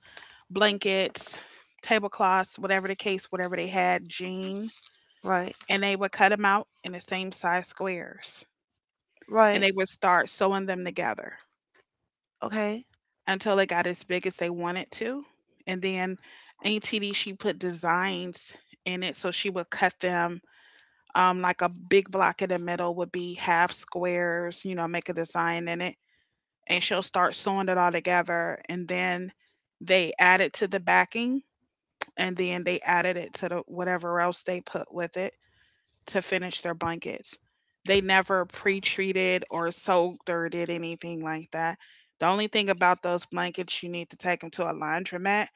[SPEAKER 2] blankets, tablecloths, whatever the case, whatever they had, jean,
[SPEAKER 1] Right,
[SPEAKER 2] and they would cut them out in the same size squares, and
[SPEAKER 1] right,
[SPEAKER 2] they would start sewing them together
[SPEAKER 1] okay.
[SPEAKER 2] until they got as big as they wanted to, and then Auntie D, she put designs in it, so she would cut them like a big block in the middle would be half squares, make a design in it. And she'll start sewing it all together. And then they add it to the backing. And then they added it to the whatever else they put with it to finish their blankets. They never pre treated or soaked or did anything like that. The only thing about those blankets, you need to take them to a laundromat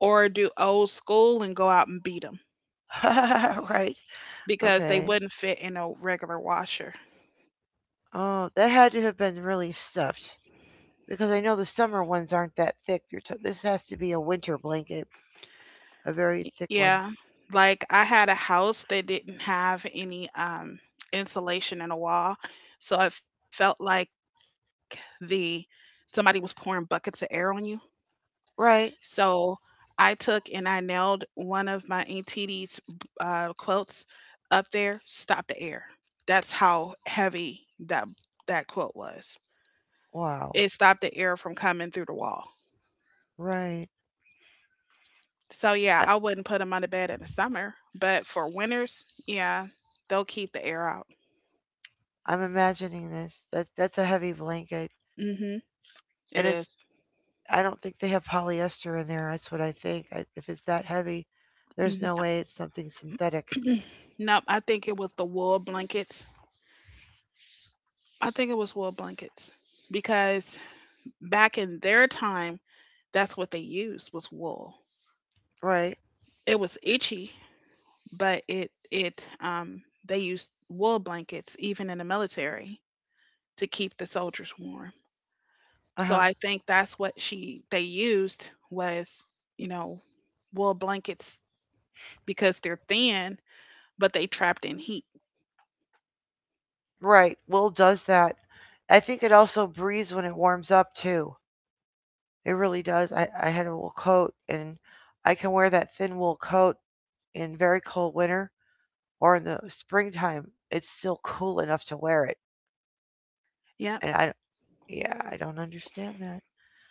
[SPEAKER 2] or do old school and go out and beat them
[SPEAKER 1] Right.
[SPEAKER 2] because they
[SPEAKER 1] Okay.
[SPEAKER 2] wouldn't fit in a regular washer.
[SPEAKER 1] Oh, that had to have been really stuffed because I know the summer ones aren't that thick. You're this has to be a winter blanket, a very thick one.
[SPEAKER 2] Yeah. Like I had a house that didn't have any insulation in a wall. So it felt like the somebody was pouring buckets of air on you.
[SPEAKER 1] Right.
[SPEAKER 2] So I took and I nailed one of my Aunt T's quotes up there, stop the air. That's how heavy that quote was.
[SPEAKER 1] Wow.
[SPEAKER 2] It stopped the air from coming through the wall.
[SPEAKER 1] Right.
[SPEAKER 2] So yeah,
[SPEAKER 1] I,
[SPEAKER 2] I wouldn't put them on the bed in the summer, but for winters, yeah, they'll keep the air out.
[SPEAKER 1] I'm imagining this. That that's a heavy blanket,
[SPEAKER 2] Mhm. It
[SPEAKER 1] and it's.
[SPEAKER 2] is.
[SPEAKER 1] I don't think they have polyester in there. That's what I think. If it's that heavy, there's
[SPEAKER 2] Mhm.
[SPEAKER 1] no way it's something synthetic.
[SPEAKER 2] Nope, I think it was the wool blankets. I think it was wool blankets because back in their time, that's what they used was wool.
[SPEAKER 1] Right.
[SPEAKER 2] It was itchy, but it they used wool blankets even in the military to keep the soldiers warm.
[SPEAKER 1] Uh
[SPEAKER 2] So
[SPEAKER 1] huh.
[SPEAKER 2] I think that's what she they used was, you know, wool blankets because they're thin, but they trapped in heat.
[SPEAKER 1] Right. Wool does that. I think it also breathes when it warms up too. It really does. I had a wool coat and I can wear that thin wool coat in very cold winter or in the springtime. It's still cool enough to wear it.
[SPEAKER 2] Yeah,
[SPEAKER 1] And I, don't- Yeah, I don't understand that.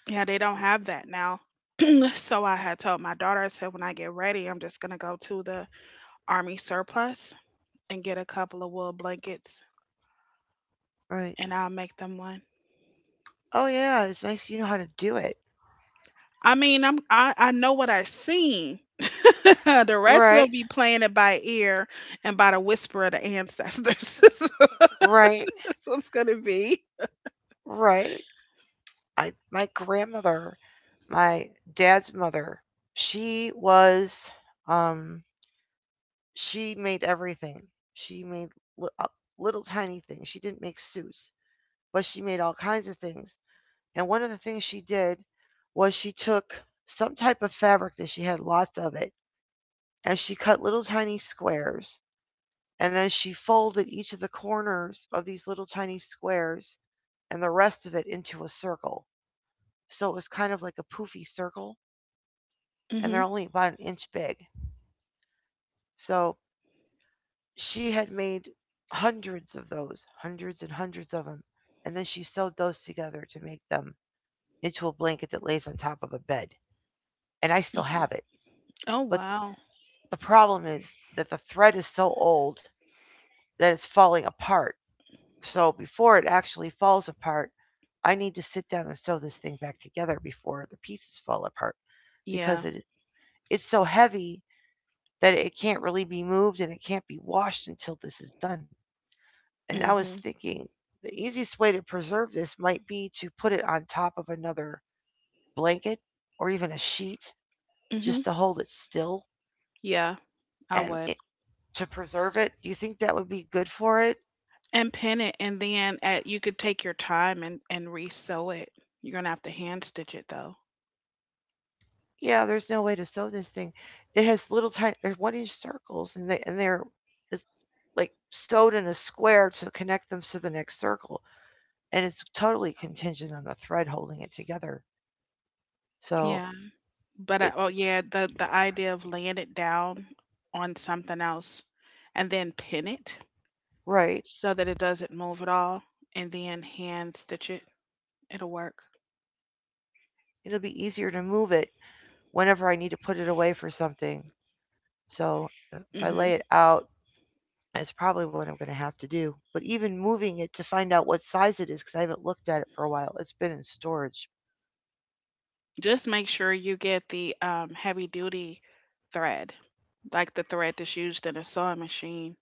[SPEAKER 2] yeah, they don't have that now. So I had told my daughter, I said, when I get ready, I'm just going to go to the army surplus and get a couple of wool blankets
[SPEAKER 1] Right.
[SPEAKER 2] and I'll make them one.
[SPEAKER 1] Oh, yeah, it's nice you know how to do it.
[SPEAKER 2] I mean, I know what I seen. The rest of them
[SPEAKER 1] Right,
[SPEAKER 2] be playing it by ear and by the whisper of the ancestors. That's
[SPEAKER 1] right,
[SPEAKER 2] what it's gonna be.
[SPEAKER 1] right. I, my grandmother, my dad's mother, she was, um, she made everything. She made li- uh, little tiny things. She didn't make suits, but she made all kinds of things. And one of the things she did was she took some type of fabric that she had lots of it, and she cut little tiny squares. And then she folded each of the corners of these little tiny squares and the rest of it into a circle. So it was kind of like a poofy circle, and they're
[SPEAKER 2] Hmm.
[SPEAKER 1] only about an inch big. So she had made hundreds of those, hundreds and hundreds of them. And then she sewed those together to make them into a blanket that lays on top of a bed, and I still have it.
[SPEAKER 2] Oh,
[SPEAKER 1] But
[SPEAKER 2] wow.
[SPEAKER 1] the problem is that the thread is so old that it's falling apart. So before it actually falls apart, I need to sit down and sew this thing back together before the pieces fall apart because
[SPEAKER 2] Yeah.
[SPEAKER 1] it's so heavy that it can't really be moved and it can't be washed until this is done. And I was
[SPEAKER 2] Hmm.
[SPEAKER 1] thinking the easiest way to preserve this might be to put it on top of another blanket or even a sheet
[SPEAKER 2] Hmm.
[SPEAKER 1] just to hold it still
[SPEAKER 2] Yeah, I
[SPEAKER 1] and
[SPEAKER 2] would.
[SPEAKER 1] to preserve it. Do you think that would be good for it?
[SPEAKER 2] And pin it, and then at you could take your time and re-sew it. You're gonna have to hand stitch it though.
[SPEAKER 1] Yeah, there's no way to sew this thing. It has little tiny, there's one inch circles, and they and they're it's like sewed in a square to connect them to the next circle, and it's totally contingent on the thread holding it together. So
[SPEAKER 2] Yeah, but
[SPEAKER 1] it
[SPEAKER 2] oh
[SPEAKER 1] it-
[SPEAKER 2] yeah, the idea of laying it down on something else and then pin it
[SPEAKER 1] right,
[SPEAKER 2] so that it doesn't move at all, and then hand stitch it. It'll work.
[SPEAKER 1] it'll be easier to move it whenever I need to put it away for something. So if I lay
[SPEAKER 2] Hmm.
[SPEAKER 1] it out. That's probably what I'm going to have to do. But even moving it to find out what size it is, because I haven't looked at it for a while, it's been in storage.
[SPEAKER 2] Just make sure you get the heavy duty thread, like the thread that's used in a sewing machine,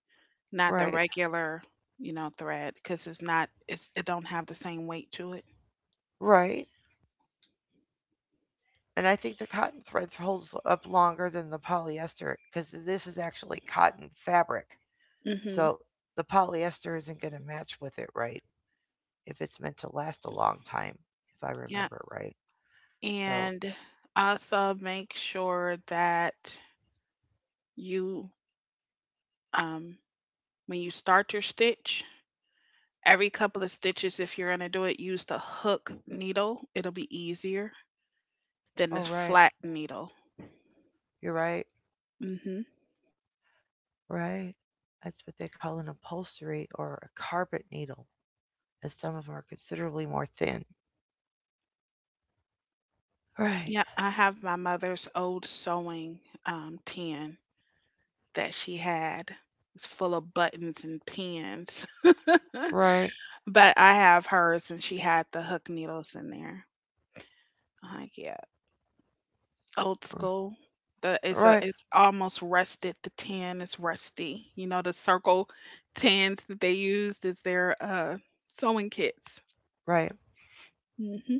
[SPEAKER 2] not the
[SPEAKER 1] Right,
[SPEAKER 2] regular, thread, because it's not, it don't have the same weight to it.
[SPEAKER 1] right. And I think the cotton thread holds up longer than the polyester because this is actually cotton fabric.
[SPEAKER 2] Mm-hmm.
[SPEAKER 1] So the polyester isn't going to match with it, right? If it's meant to last a long time, if I
[SPEAKER 2] Yeah.
[SPEAKER 1] remember right. So,
[SPEAKER 2] And also make sure that you, um, when you start your stitch, every couple of stitches, if you're going to do it, use the hook needle. It'll be easier than this
[SPEAKER 1] oh, right.
[SPEAKER 2] flat needle.
[SPEAKER 1] You're right.
[SPEAKER 2] Mm-hmm.
[SPEAKER 1] Right. That's what they call an upholstery or a carpet needle, as some of them are considerably more thin. Right,
[SPEAKER 2] Yeah. I have my mother's old sewing tin that she had. It's full of buttons and pins,
[SPEAKER 1] right,
[SPEAKER 2] but I have hers and she had the hook needles in there. I'm like, yeah, old
[SPEAKER 1] r-
[SPEAKER 2] school. The it's a
[SPEAKER 1] right,
[SPEAKER 2] it's almost rusted. The tin is rusty. You know the circle tans that they used as their sewing kits.
[SPEAKER 1] right.
[SPEAKER 2] Mhm.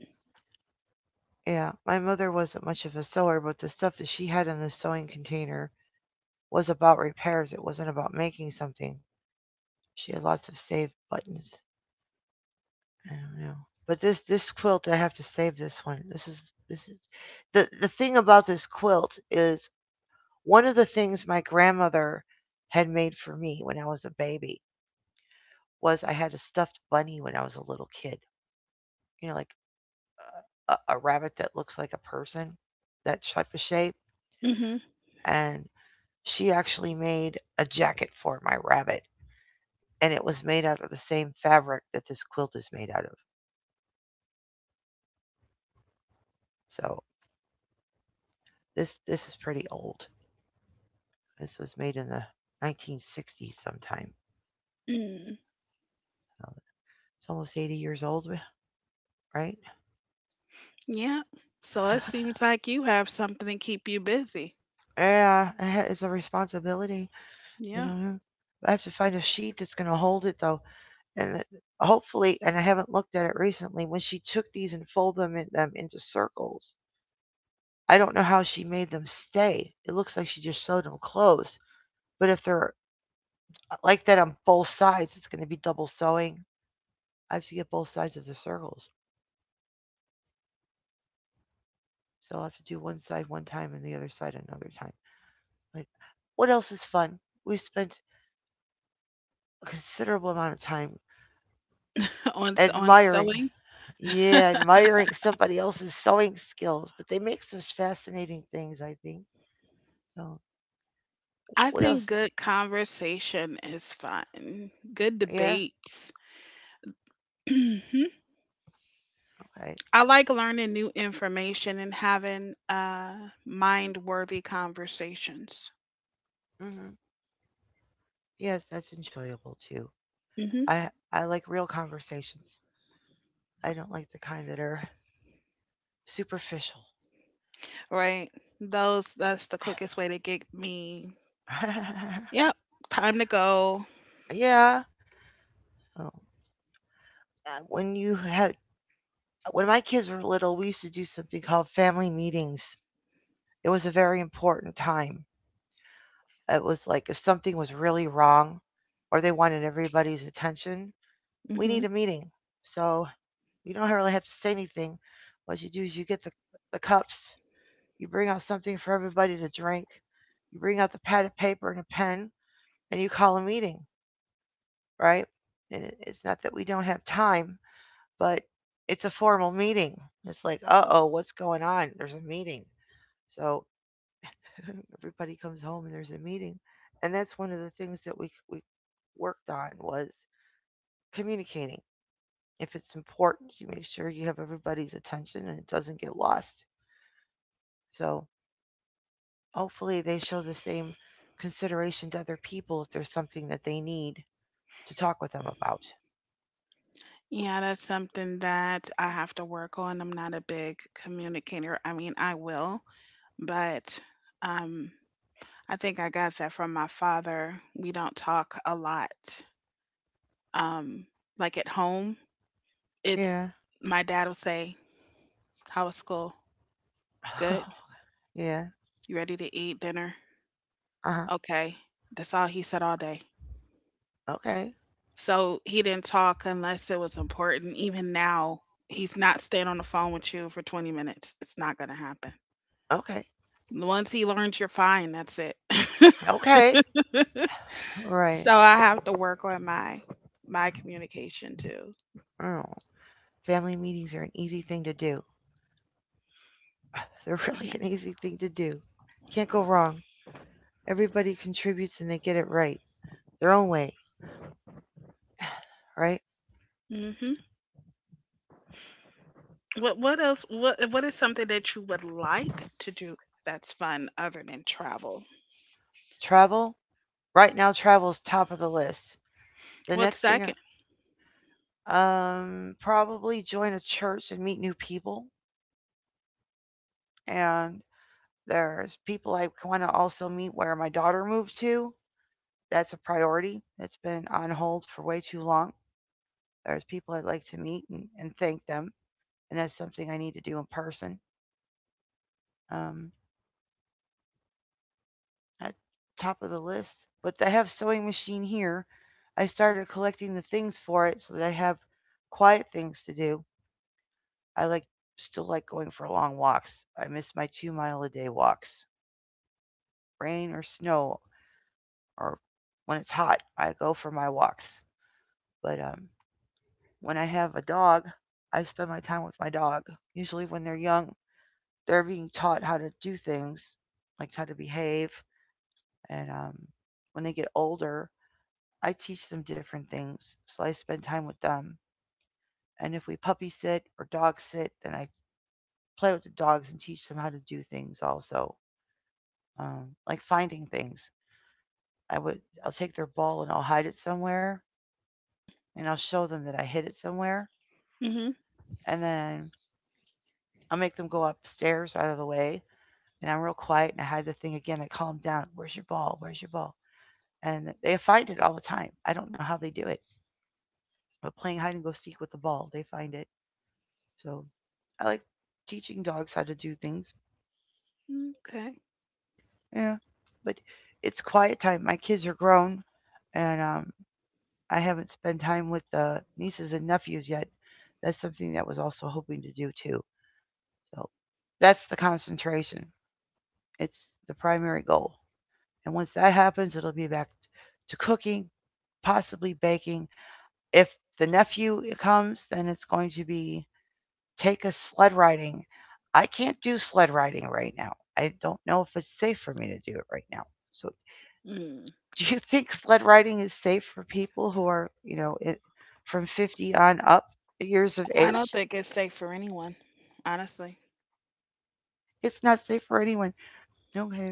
[SPEAKER 1] Yeah, my mother wasn't much of a sewer, but the stuff that she had in the sewing container was about repairs. It wasn't about making something. She had lots of saved buttons. I don't know. But this quilt, I have to save this one. This is the thing about this quilt is one of the things my grandmother had made for me when I was a baby was I had a stuffed bunny when I was a little kid. You know, like a rabbit that looks like a person, that type of shape.
[SPEAKER 2] Mhm.
[SPEAKER 1] And she actually made a jacket for my rabbit and it was made out of the same fabric that this quilt is made out of. So this is pretty old. This was made in the 1960s sometime.
[SPEAKER 2] Mm.
[SPEAKER 1] So it's almost 80 years old, right?
[SPEAKER 2] Yeah. So it seems like you have something to keep you busy.
[SPEAKER 1] Yeah, it's a responsibility. You
[SPEAKER 2] Yeah.
[SPEAKER 1] know, yeah. I have to find a sheet that's going to hold it though, and hopefully, and I haven't looked at it recently. When she took these and folded them, in, them into circles, I don't know how she made them stay. It looks like she just sewed them closed. But if they're like that on both sides. It's going to be double sewing. I have to get both sides of the circles. So I'll have to do one side one time and the other side another time. But what else is fun? We spent a considerable amount of time
[SPEAKER 2] On on
[SPEAKER 1] admiring,
[SPEAKER 2] sewing.
[SPEAKER 1] yeah, admiring somebody else's sewing skills, but they make some fascinating things, I think. So
[SPEAKER 2] I
[SPEAKER 1] what
[SPEAKER 2] think
[SPEAKER 1] else?
[SPEAKER 2] good conversation is fun. Good
[SPEAKER 1] Yeah,
[SPEAKER 2] debates. Mhm.
[SPEAKER 1] okay.
[SPEAKER 2] I like learning new information and having mind-worthy conversations.
[SPEAKER 1] Hmm. Yes, that's enjoyable too. I like real conversations. I don't like the kind that are superficial.
[SPEAKER 2] Right? Those, that's the quickest way to get me. Yep, time to go.
[SPEAKER 1] Yeah. Oh. When you had when my kids were little, we used to do something called family meetings. It was a very important time. It was like if something was really wrong or they wanted everybody's attention, we need
[SPEAKER 2] Hmm.
[SPEAKER 1] a meeting. So you don't really have to say anything. What you do is you get the cups, you bring out something for everybody to drink, you bring out the pad of paper and a pen, and you call a meeting, right? And it's not that we don't have time, but it's a formal meeting. It's like, uh oh, what's going on? There's a meeting. So everybody comes home and there's a meeting. And that's one of the things that we worked on was communicating. If it's important, you make sure you have everybody's attention and it doesn't get lost. So hopefully they show the same consideration to other people if there's something that they need to talk with them about.
[SPEAKER 2] Yeah, that's something that I have to work on. I'm not a big communicator. I mean, I will, but um, I think I got that from my father. We don't talk a lot. Um, like at home, it's
[SPEAKER 1] Yeah.
[SPEAKER 2] my dad will say, "How was school? Good.
[SPEAKER 1] Yeah.
[SPEAKER 2] You ready to eat dinner?
[SPEAKER 1] Uh huh.
[SPEAKER 2] Okay." That's all he said all day.
[SPEAKER 1] Okay.
[SPEAKER 2] So he didn't talk unless it was important. Even now, he's not staying on the phone with you for 20 minutes. It's not going to happen.
[SPEAKER 1] Okay.
[SPEAKER 2] Once he learns you're fine, that's it.
[SPEAKER 1] Okay.
[SPEAKER 2] So
[SPEAKER 1] Right.
[SPEAKER 2] I have to work on my communication too.
[SPEAKER 1] Oh. Family meetings are an easy thing to do. They're really
[SPEAKER 2] Yeah.
[SPEAKER 1] an easy thing to do. Can't go wrong. Everybody contributes and they get it right. Their own way, right?
[SPEAKER 2] Hmm. What else? What is something that you would like to do that's fun other than travel?
[SPEAKER 1] Travel? Right now travel's top of the list. The
[SPEAKER 2] What's
[SPEAKER 1] next thing
[SPEAKER 2] second?
[SPEAKER 1] probably join a church and meet new people. And there's people I want to also meet where my daughter moved to. That's a priority. That's been on hold for way too long. There's people I'd like to meet and thank them. And that's something I need to do in person. Um, at top of the list. But I have sewing machine here. I started collecting the things for it so that I have quiet things to do. I like still like going for long walks. I miss my 2 mile a day walks. Rain or snow or when it's hot, I go for my walks. But when I have a dog, I spend my time with my dog. Usually when they're young, they're being taught how to do things, like how to behave. And when they get older, I teach them different things. So I spend time with them. And if we puppy sit or dog sit, then I play with the dogs and teach them how to do things also. Like finding things. I would I'll take their ball and I'll hide it somewhere and I'll show them that I hid it somewhere.
[SPEAKER 2] Mm-hmm.
[SPEAKER 1] And then I'll make them go upstairs out of the way. And I'm real quiet and I hide the thing again. I calm them down. Where's your ball? Where's your ball? And they find it all the time. I don't know how they do it. But playing hide and go seek with the ball, they find it. So I like teaching dogs how to do things.
[SPEAKER 2] Okay.
[SPEAKER 1] Yeah. But it's quiet time. My kids are grown and I haven't spent time with the nieces and nephews yet. That's something that was also hoping to do too. So that's the concentration. It's the primary goal. And once that happens, it'll be back to cooking, possibly baking. If the nephew comes, then it's going to be take us sled riding. I can't do sled riding right now. I don't know if it's safe for me to do it right now. So,
[SPEAKER 2] Mm.
[SPEAKER 1] do you think sled riding is safe for people who are, from 50 on up years of
[SPEAKER 2] I
[SPEAKER 1] age?
[SPEAKER 2] don't think it's safe for anyone, honestly.
[SPEAKER 1] It's not safe for anyone. Okay.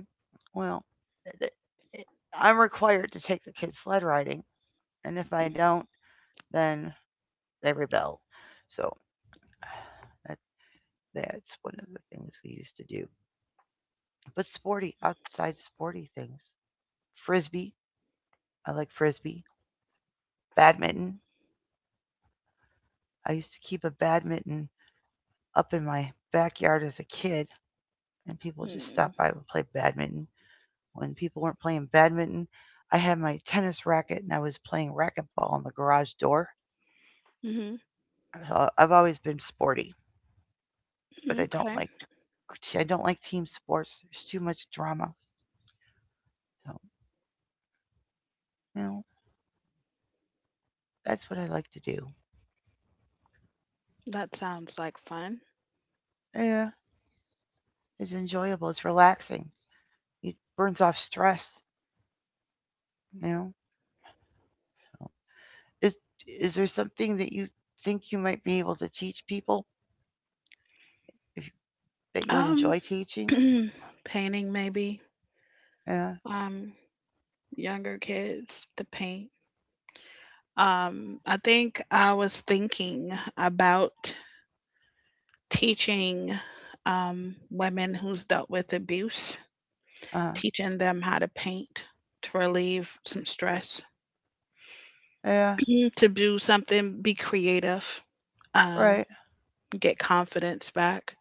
[SPEAKER 1] Well, th- th- I'm required to take the kids sled riding, and if I don't, then they rebel. So, that, that's one of the things we used to do. But sporty, outside sporty things. Frisbee, I like frisbee. Badminton. I used to keep a badminton up in my backyard as a kid, and people just stopped
[SPEAKER 2] Mm.
[SPEAKER 1] by and played badminton. When people weren't playing badminton, I had my tennis racket and I was playing racquetball on the garage door. I've always been sporty, but
[SPEAKER 2] Mm-hmm.
[SPEAKER 1] I don't like team sports. There's too much drama. So, you know, that's what I like to do.
[SPEAKER 2] That sounds like fun.
[SPEAKER 1] Yeah, it's enjoyable. It's relaxing. It burns off stress. You know, Is is there something that you think you might be able to teach people if, that you would
[SPEAKER 2] Um,
[SPEAKER 1] enjoy teaching?
[SPEAKER 2] Painting maybe.
[SPEAKER 1] Yeah.
[SPEAKER 2] Um, Younger kids to paint. I think I was thinking about teaching women who's dealt with abuse,
[SPEAKER 1] Uh-huh.
[SPEAKER 2] teaching them how to paint to relieve some stress,
[SPEAKER 1] Yeah.
[SPEAKER 2] to do something, be creative, um,
[SPEAKER 1] Right.
[SPEAKER 2] get confidence back.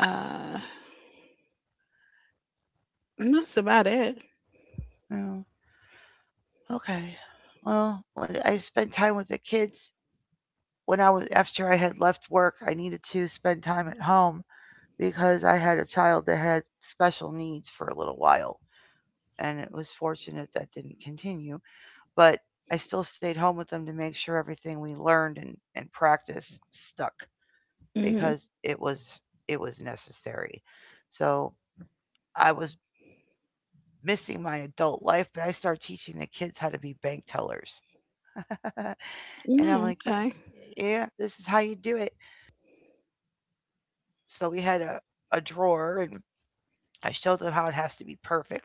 [SPEAKER 2] Uh, and that's about it.
[SPEAKER 1] Yeah. Okay. Well, when I spent time with the kids when I was after I had left work, I needed to spend time at home because I had a child that had special needs for a little while, and it was fortunate that didn't continue. But I still stayed home with them to make sure everything we learned and practiced stuck.
[SPEAKER 2] Mm-hmm.
[SPEAKER 1] Because it was it was necessary. So I was missing my adult life, but I started teaching the kids how to be bank tellers. And I'm
[SPEAKER 2] No,
[SPEAKER 1] like,
[SPEAKER 2] okay.
[SPEAKER 1] yeah, this is how you do it. So we had a drawer and I showed them how it has to be perfect.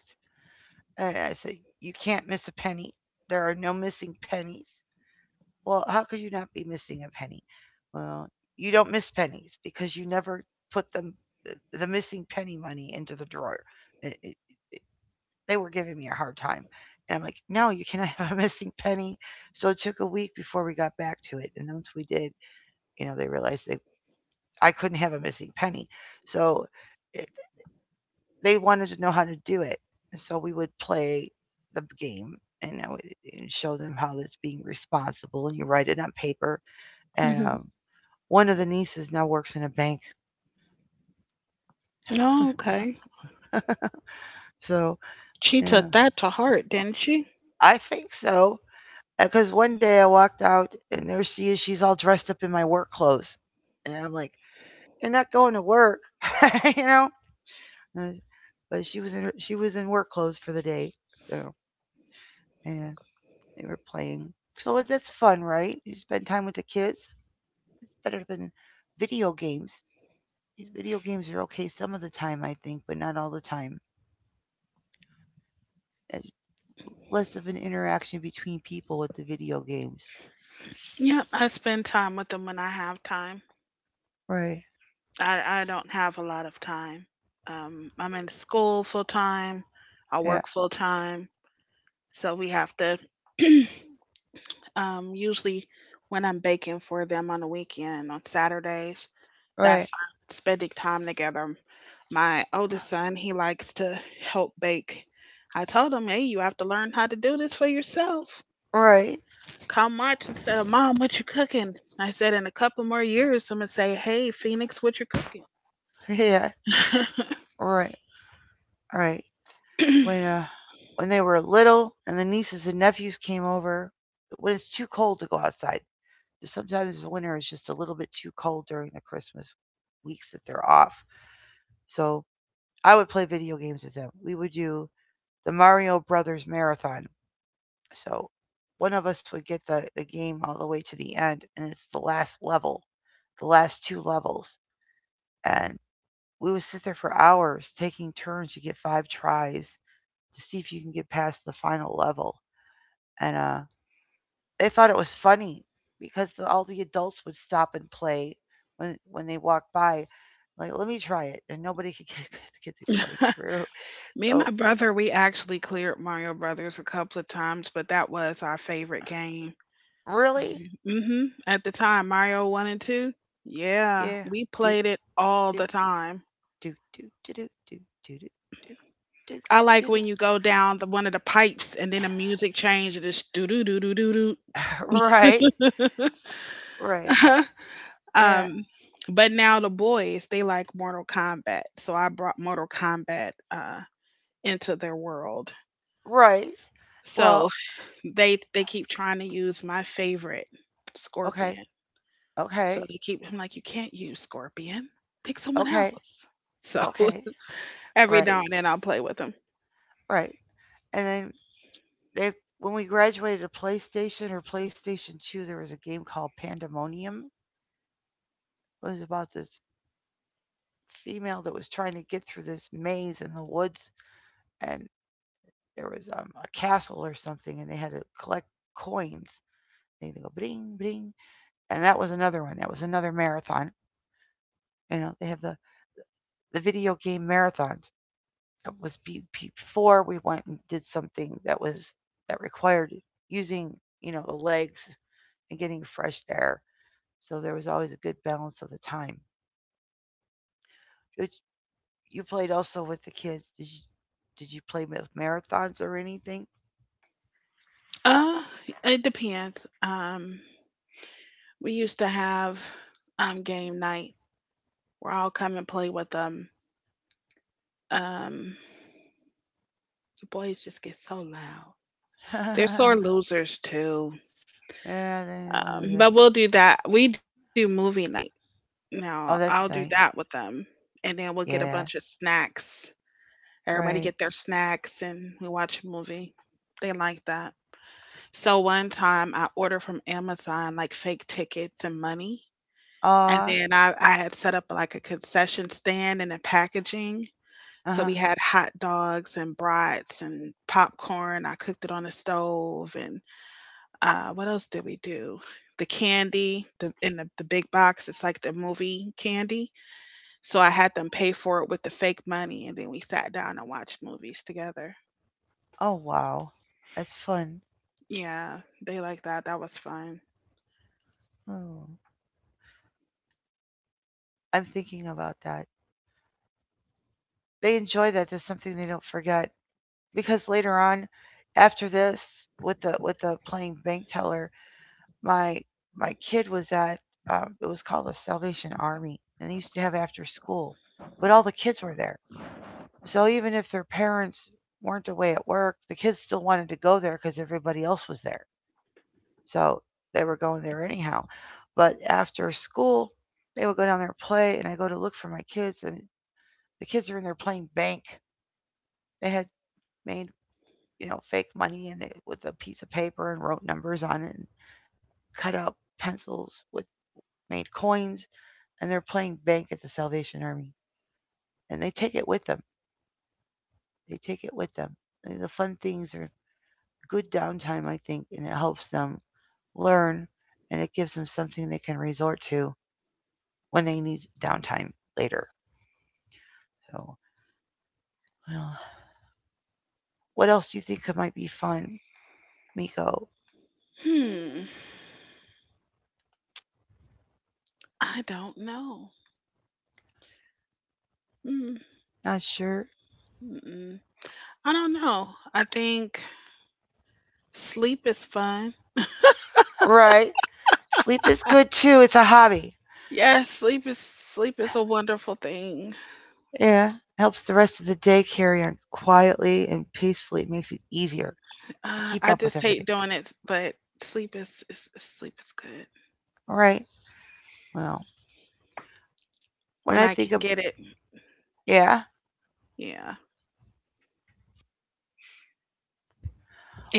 [SPEAKER 1] And I said, you can't miss a penny. There are no missing pennies. Well, how could you not be missing a penny? Well, you don't miss pennies because you never put them the missing penny money into the drawer. It, it, They were giving me a hard time. And I'm like, no, you cannot have a missing penny. So it took a week before we got back to it. And once we did, you know, they realized they I couldn't have a missing penny. So it, they wanted to know how to do it. And so we would play the game and I would and show them how it's being responsible. And you write it on paper. And
[SPEAKER 2] Mm-hmm.
[SPEAKER 1] one of the nieces now works in a bank.
[SPEAKER 2] Oh, okay.
[SPEAKER 1] So
[SPEAKER 2] She
[SPEAKER 1] yeah,
[SPEAKER 2] took that to heart, didn't she?
[SPEAKER 1] I think so. Because one day I walked out and there she is. She's all dressed up in my work clothes. And I'm like, you're not going to work, you know? And- But she was in work clothes for the day. So, and they were playing. So that's fun, right? You spend time with the kids. Better than video games. These Video games are okay some of the time, I think, but not all the time. It's less of an interaction between people with the video games.
[SPEAKER 2] Yep, I spend time with them when I have time.
[SPEAKER 1] Right.
[SPEAKER 2] I don't have a lot of time. I'm in school full time, I
[SPEAKER 1] Yeah.
[SPEAKER 2] work full time, so we have to usually when I'm baking for them on the weekend on Saturdays,
[SPEAKER 1] Right.
[SPEAKER 2] that's our spending time together. My oldest son, he likes to help bake. I told him, hey, you have to learn how to do this for yourself.
[SPEAKER 1] Right.
[SPEAKER 2] Called March and said, Mom, what you cooking? I said, in a couple more years, I'm going to say, hey, Phoenix, what you
[SPEAKER 1] Yeah.
[SPEAKER 2] cooking?
[SPEAKER 1] Right. Right. when uh, when they were little and the nieces and nephews came over when it's too cold to go outside. Sometimes the winter is just a little bit too cold during the Christmas weeks that they're off. So I would play video games with them. We would do the Mario Brothers marathon. So one of us would get the game all the way to the end, and it's the last level, the last two levels. And we would sit there for hours taking turns to get 5 tries to see if you can get past the final level. And they thought it was funny because all the adults would stop and play when they walked by. Like, let me try it, and nobody could get get it going through.
[SPEAKER 2] Me and my
[SPEAKER 1] So
[SPEAKER 2] brother, we actually cleared Mario Brothers a couple of times, but that was our favorite game.
[SPEAKER 1] really,
[SPEAKER 2] At the time, Mario 1 and 2. Yeah,
[SPEAKER 1] yeah,
[SPEAKER 2] we
[SPEAKER 1] do
[SPEAKER 2] played it all
[SPEAKER 1] do
[SPEAKER 2] the time.
[SPEAKER 1] do do do do do do do do do
[SPEAKER 2] I like
[SPEAKER 1] do
[SPEAKER 2] when
[SPEAKER 1] do.
[SPEAKER 2] you go down the one of the pipes and then the music changes and it's do do do do do
[SPEAKER 1] Right,
[SPEAKER 2] do.
[SPEAKER 1] right, yeah,
[SPEAKER 2] Um, but now the boys, they like Mortal Kombat. So I brought Mortal Kombat into their world.
[SPEAKER 1] right. Well,
[SPEAKER 2] So they keep trying to use my favorite
[SPEAKER 1] okay,
[SPEAKER 2] Scorpion. So
[SPEAKER 1] okay,
[SPEAKER 2] they keep I'm like, you can't use Scorpion. Pick someone
[SPEAKER 1] okay,
[SPEAKER 2] else. So
[SPEAKER 1] okay,
[SPEAKER 2] every now
[SPEAKER 1] right,
[SPEAKER 2] and then I'll play with them.
[SPEAKER 1] right, and then they when we graduated to PlayStation or PlayStation 2, there was a game called Pandemonium. It was about this female that was trying to get through this maze in the woods, and there was a castle or something, and they had to collect coins. They go bling bling, and that was another one. That was another marathon. You know, they have the video game marathons. That was before we went and did something that was that required using you know the legs and getting fresh air. So there was always a good balance of the time. Did- You played also with the kids. Did you play with marathons or anything?
[SPEAKER 2] Uh, it depends. Um, we used to have game night where I'll come and play with them. Um, the boys just get so loud. They're
[SPEAKER 1] Yeah,
[SPEAKER 2] sore losers too.
[SPEAKER 1] they don't want to do it.
[SPEAKER 2] But we'll do that. We do movie night. Now
[SPEAKER 1] Oh,
[SPEAKER 2] I'll
[SPEAKER 1] that's
[SPEAKER 2] do
[SPEAKER 1] nice.
[SPEAKER 2] that with them, and then we'll get a bunch
[SPEAKER 1] Yeah,
[SPEAKER 2] of snacks. Everybody get
[SPEAKER 1] right.
[SPEAKER 2] their snacks, and we watch a movie. They like that. So one time I ordered from Amazon like fake tickets and money, and
[SPEAKER 1] Ah,
[SPEAKER 2] then I had set up like a concession stand and a packaging.
[SPEAKER 1] uh
[SPEAKER 2] So we
[SPEAKER 1] huh.
[SPEAKER 2] had hot dogs and brats and popcorn. I cooked it on the stove and what else did we do? The candy, the in the, the big box, it's like the movie candy. So I had them pay for it with the fake money, and then we sat down and watched movies together.
[SPEAKER 1] Oh, wow. That's fun.
[SPEAKER 2] Yeah, they like that. That was fun.
[SPEAKER 1] Oh, I'm thinking about that. They enjoy that. That's something they don't forget because later on, after this, with the playing bank teller, my my kid was at it was called the Salvation Army, and they used to have after school, but all the kids were there. So even if their parents weren't away at work, the kids still wanted to go there because everybody else was there. So they were going there anyhow. But after school, they would go down there and play, and I go to look for my kids, and the kids are in there playing bank. They had made you know fake money and they, with a piece of paper and wrote numbers on it and cut out pencils with made coins and they're playing bank at the Salvation Army. And they take it with them. They take it with them. And the fun things are good downtime, I think, and it helps them learn and it gives them something they can resort to when they need downtime later. So, well, what else do you think might be fun, Miko?
[SPEAKER 2] Hmm. I don't know. Mm,
[SPEAKER 1] Not sure.
[SPEAKER 2] mm-mm. I don't know. I think sleep is fun.
[SPEAKER 1] Right. Sleep is good too. It's a hobby.
[SPEAKER 2] Yes, sleep is a wonderful thing.
[SPEAKER 1] Yeah. Helps the rest of the day carry on quietly and peacefully. It makes it easier to keep
[SPEAKER 2] I
[SPEAKER 1] up with
[SPEAKER 2] just hate
[SPEAKER 1] everything.
[SPEAKER 2] doing it, but sleep is, sleep is good
[SPEAKER 1] All right. Well, when
[SPEAKER 2] when
[SPEAKER 1] I
[SPEAKER 2] I
[SPEAKER 1] think
[SPEAKER 2] can
[SPEAKER 1] of,
[SPEAKER 2] get it.
[SPEAKER 1] yeah,
[SPEAKER 2] Yeah.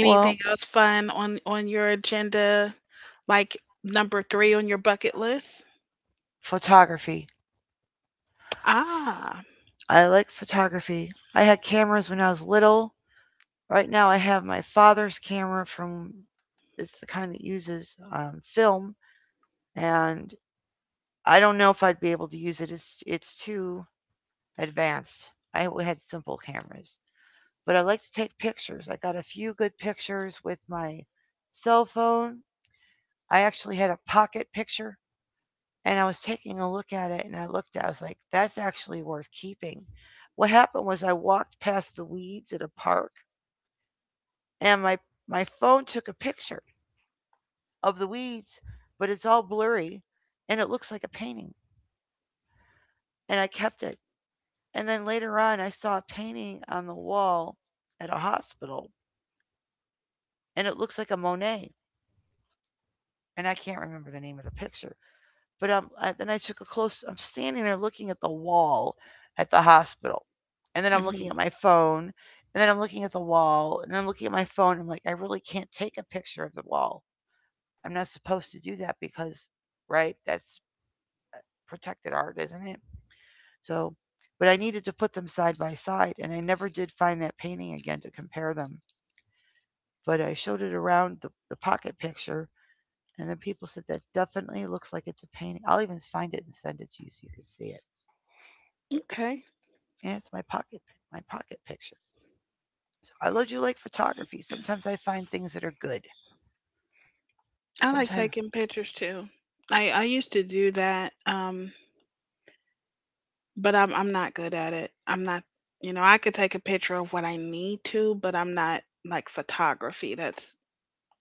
[SPEAKER 1] well,
[SPEAKER 2] else fun on your agenda, like number 3 on your bucket list?
[SPEAKER 1] photography.
[SPEAKER 2] Ah,
[SPEAKER 1] I like photography. I had cameras when I was little. Right now, I have my father's camera from, it's the kind that uses film, and I don't know if I'd be able to use it. It's too advanced. I had simple cameras, but I like to take pictures. I got a few good pictures with my cell phone. I actually had a pocket picture and I was taking a look at it and I looked at it, I was like, that's actually worth keeping. What happened was I walked past the weeds at a park and my phone took a picture of the weeds, but it's all blurry and it looks like a painting. And I kept it. And then later on I saw a painting on the wall at a hospital and it looks like a Monet. And I can't remember the name of the picture. But then I took a close. I'm standing there looking at the wall at the hospital, and then I'm looking at
[SPEAKER 2] hmm
[SPEAKER 1] my phone, and then I'm looking at the wall, and then I'm looking at my phone. I'm like, I really can't take a picture of the wall. I'm not supposed to do that because, right? That's protected art, isn't it? So, but I needed to put them side by side, and I never did find that painting again to compare them. But I showed it around the pocket picture, and then people said that definitely looks like it's a painting. I'll even find it and send it to you so you can see it.
[SPEAKER 2] okay.
[SPEAKER 1] And it's my pocket picture. So do like photography. Sometimes I find things that are good.
[SPEAKER 2] I like
[SPEAKER 1] Sometimes
[SPEAKER 2] taking pictures too. I used to do that, but I'm not good at it. I'm not, you know, I could take a picture of what I need to, but I'm not like photography. That's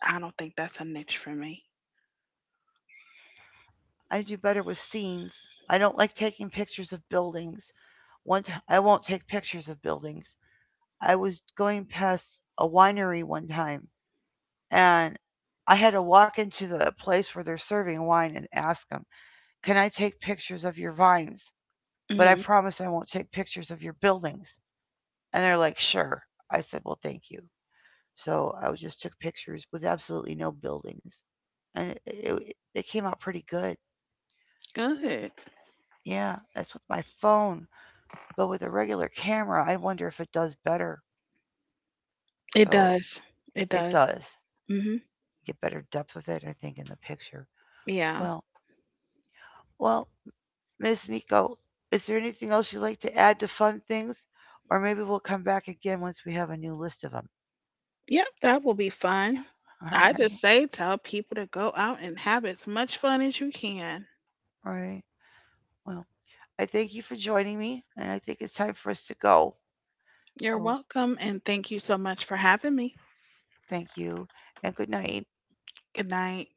[SPEAKER 2] I don't think that's a niche for me.
[SPEAKER 1] I do better with scenes. I don't like taking pictures of buildings. I won't take pictures of buildings. I was going past a winery one time and I had to walk into the place where they're serving wine and ask them, "Can I take pictures of your vines? But I
[SPEAKER 2] Mm,
[SPEAKER 1] promise I won't take pictures of your buildings." And they're like, "Sure." I said, "Well, thank you." So just took pictures with absolutely no buildings, and it came out pretty good.
[SPEAKER 2] good.
[SPEAKER 1] Yeah, that's with my phone, but with a regular camera, I wonder if it does better.
[SPEAKER 2] It
[SPEAKER 1] So
[SPEAKER 2] does. It
[SPEAKER 1] it
[SPEAKER 2] does.
[SPEAKER 1] does
[SPEAKER 2] Hmm
[SPEAKER 1] get better depth with it, I think, in the picture.
[SPEAKER 2] Yeah.
[SPEAKER 1] Well, well, Miss Miko, is there anything else you'd like to add to fun things, or maybe we'll come back again once we have a new list of them.
[SPEAKER 2] Yep, that will be fun.
[SPEAKER 1] All
[SPEAKER 2] I
[SPEAKER 1] right,
[SPEAKER 2] just say tell people to go out and have as much fun as you can.
[SPEAKER 1] all right. Well, I thank you for joining me, and I think it's time for us to go.
[SPEAKER 2] You're
[SPEAKER 1] So
[SPEAKER 2] welcome, and thank you so much for having me.
[SPEAKER 1] thank you and good night.
[SPEAKER 2] Good night.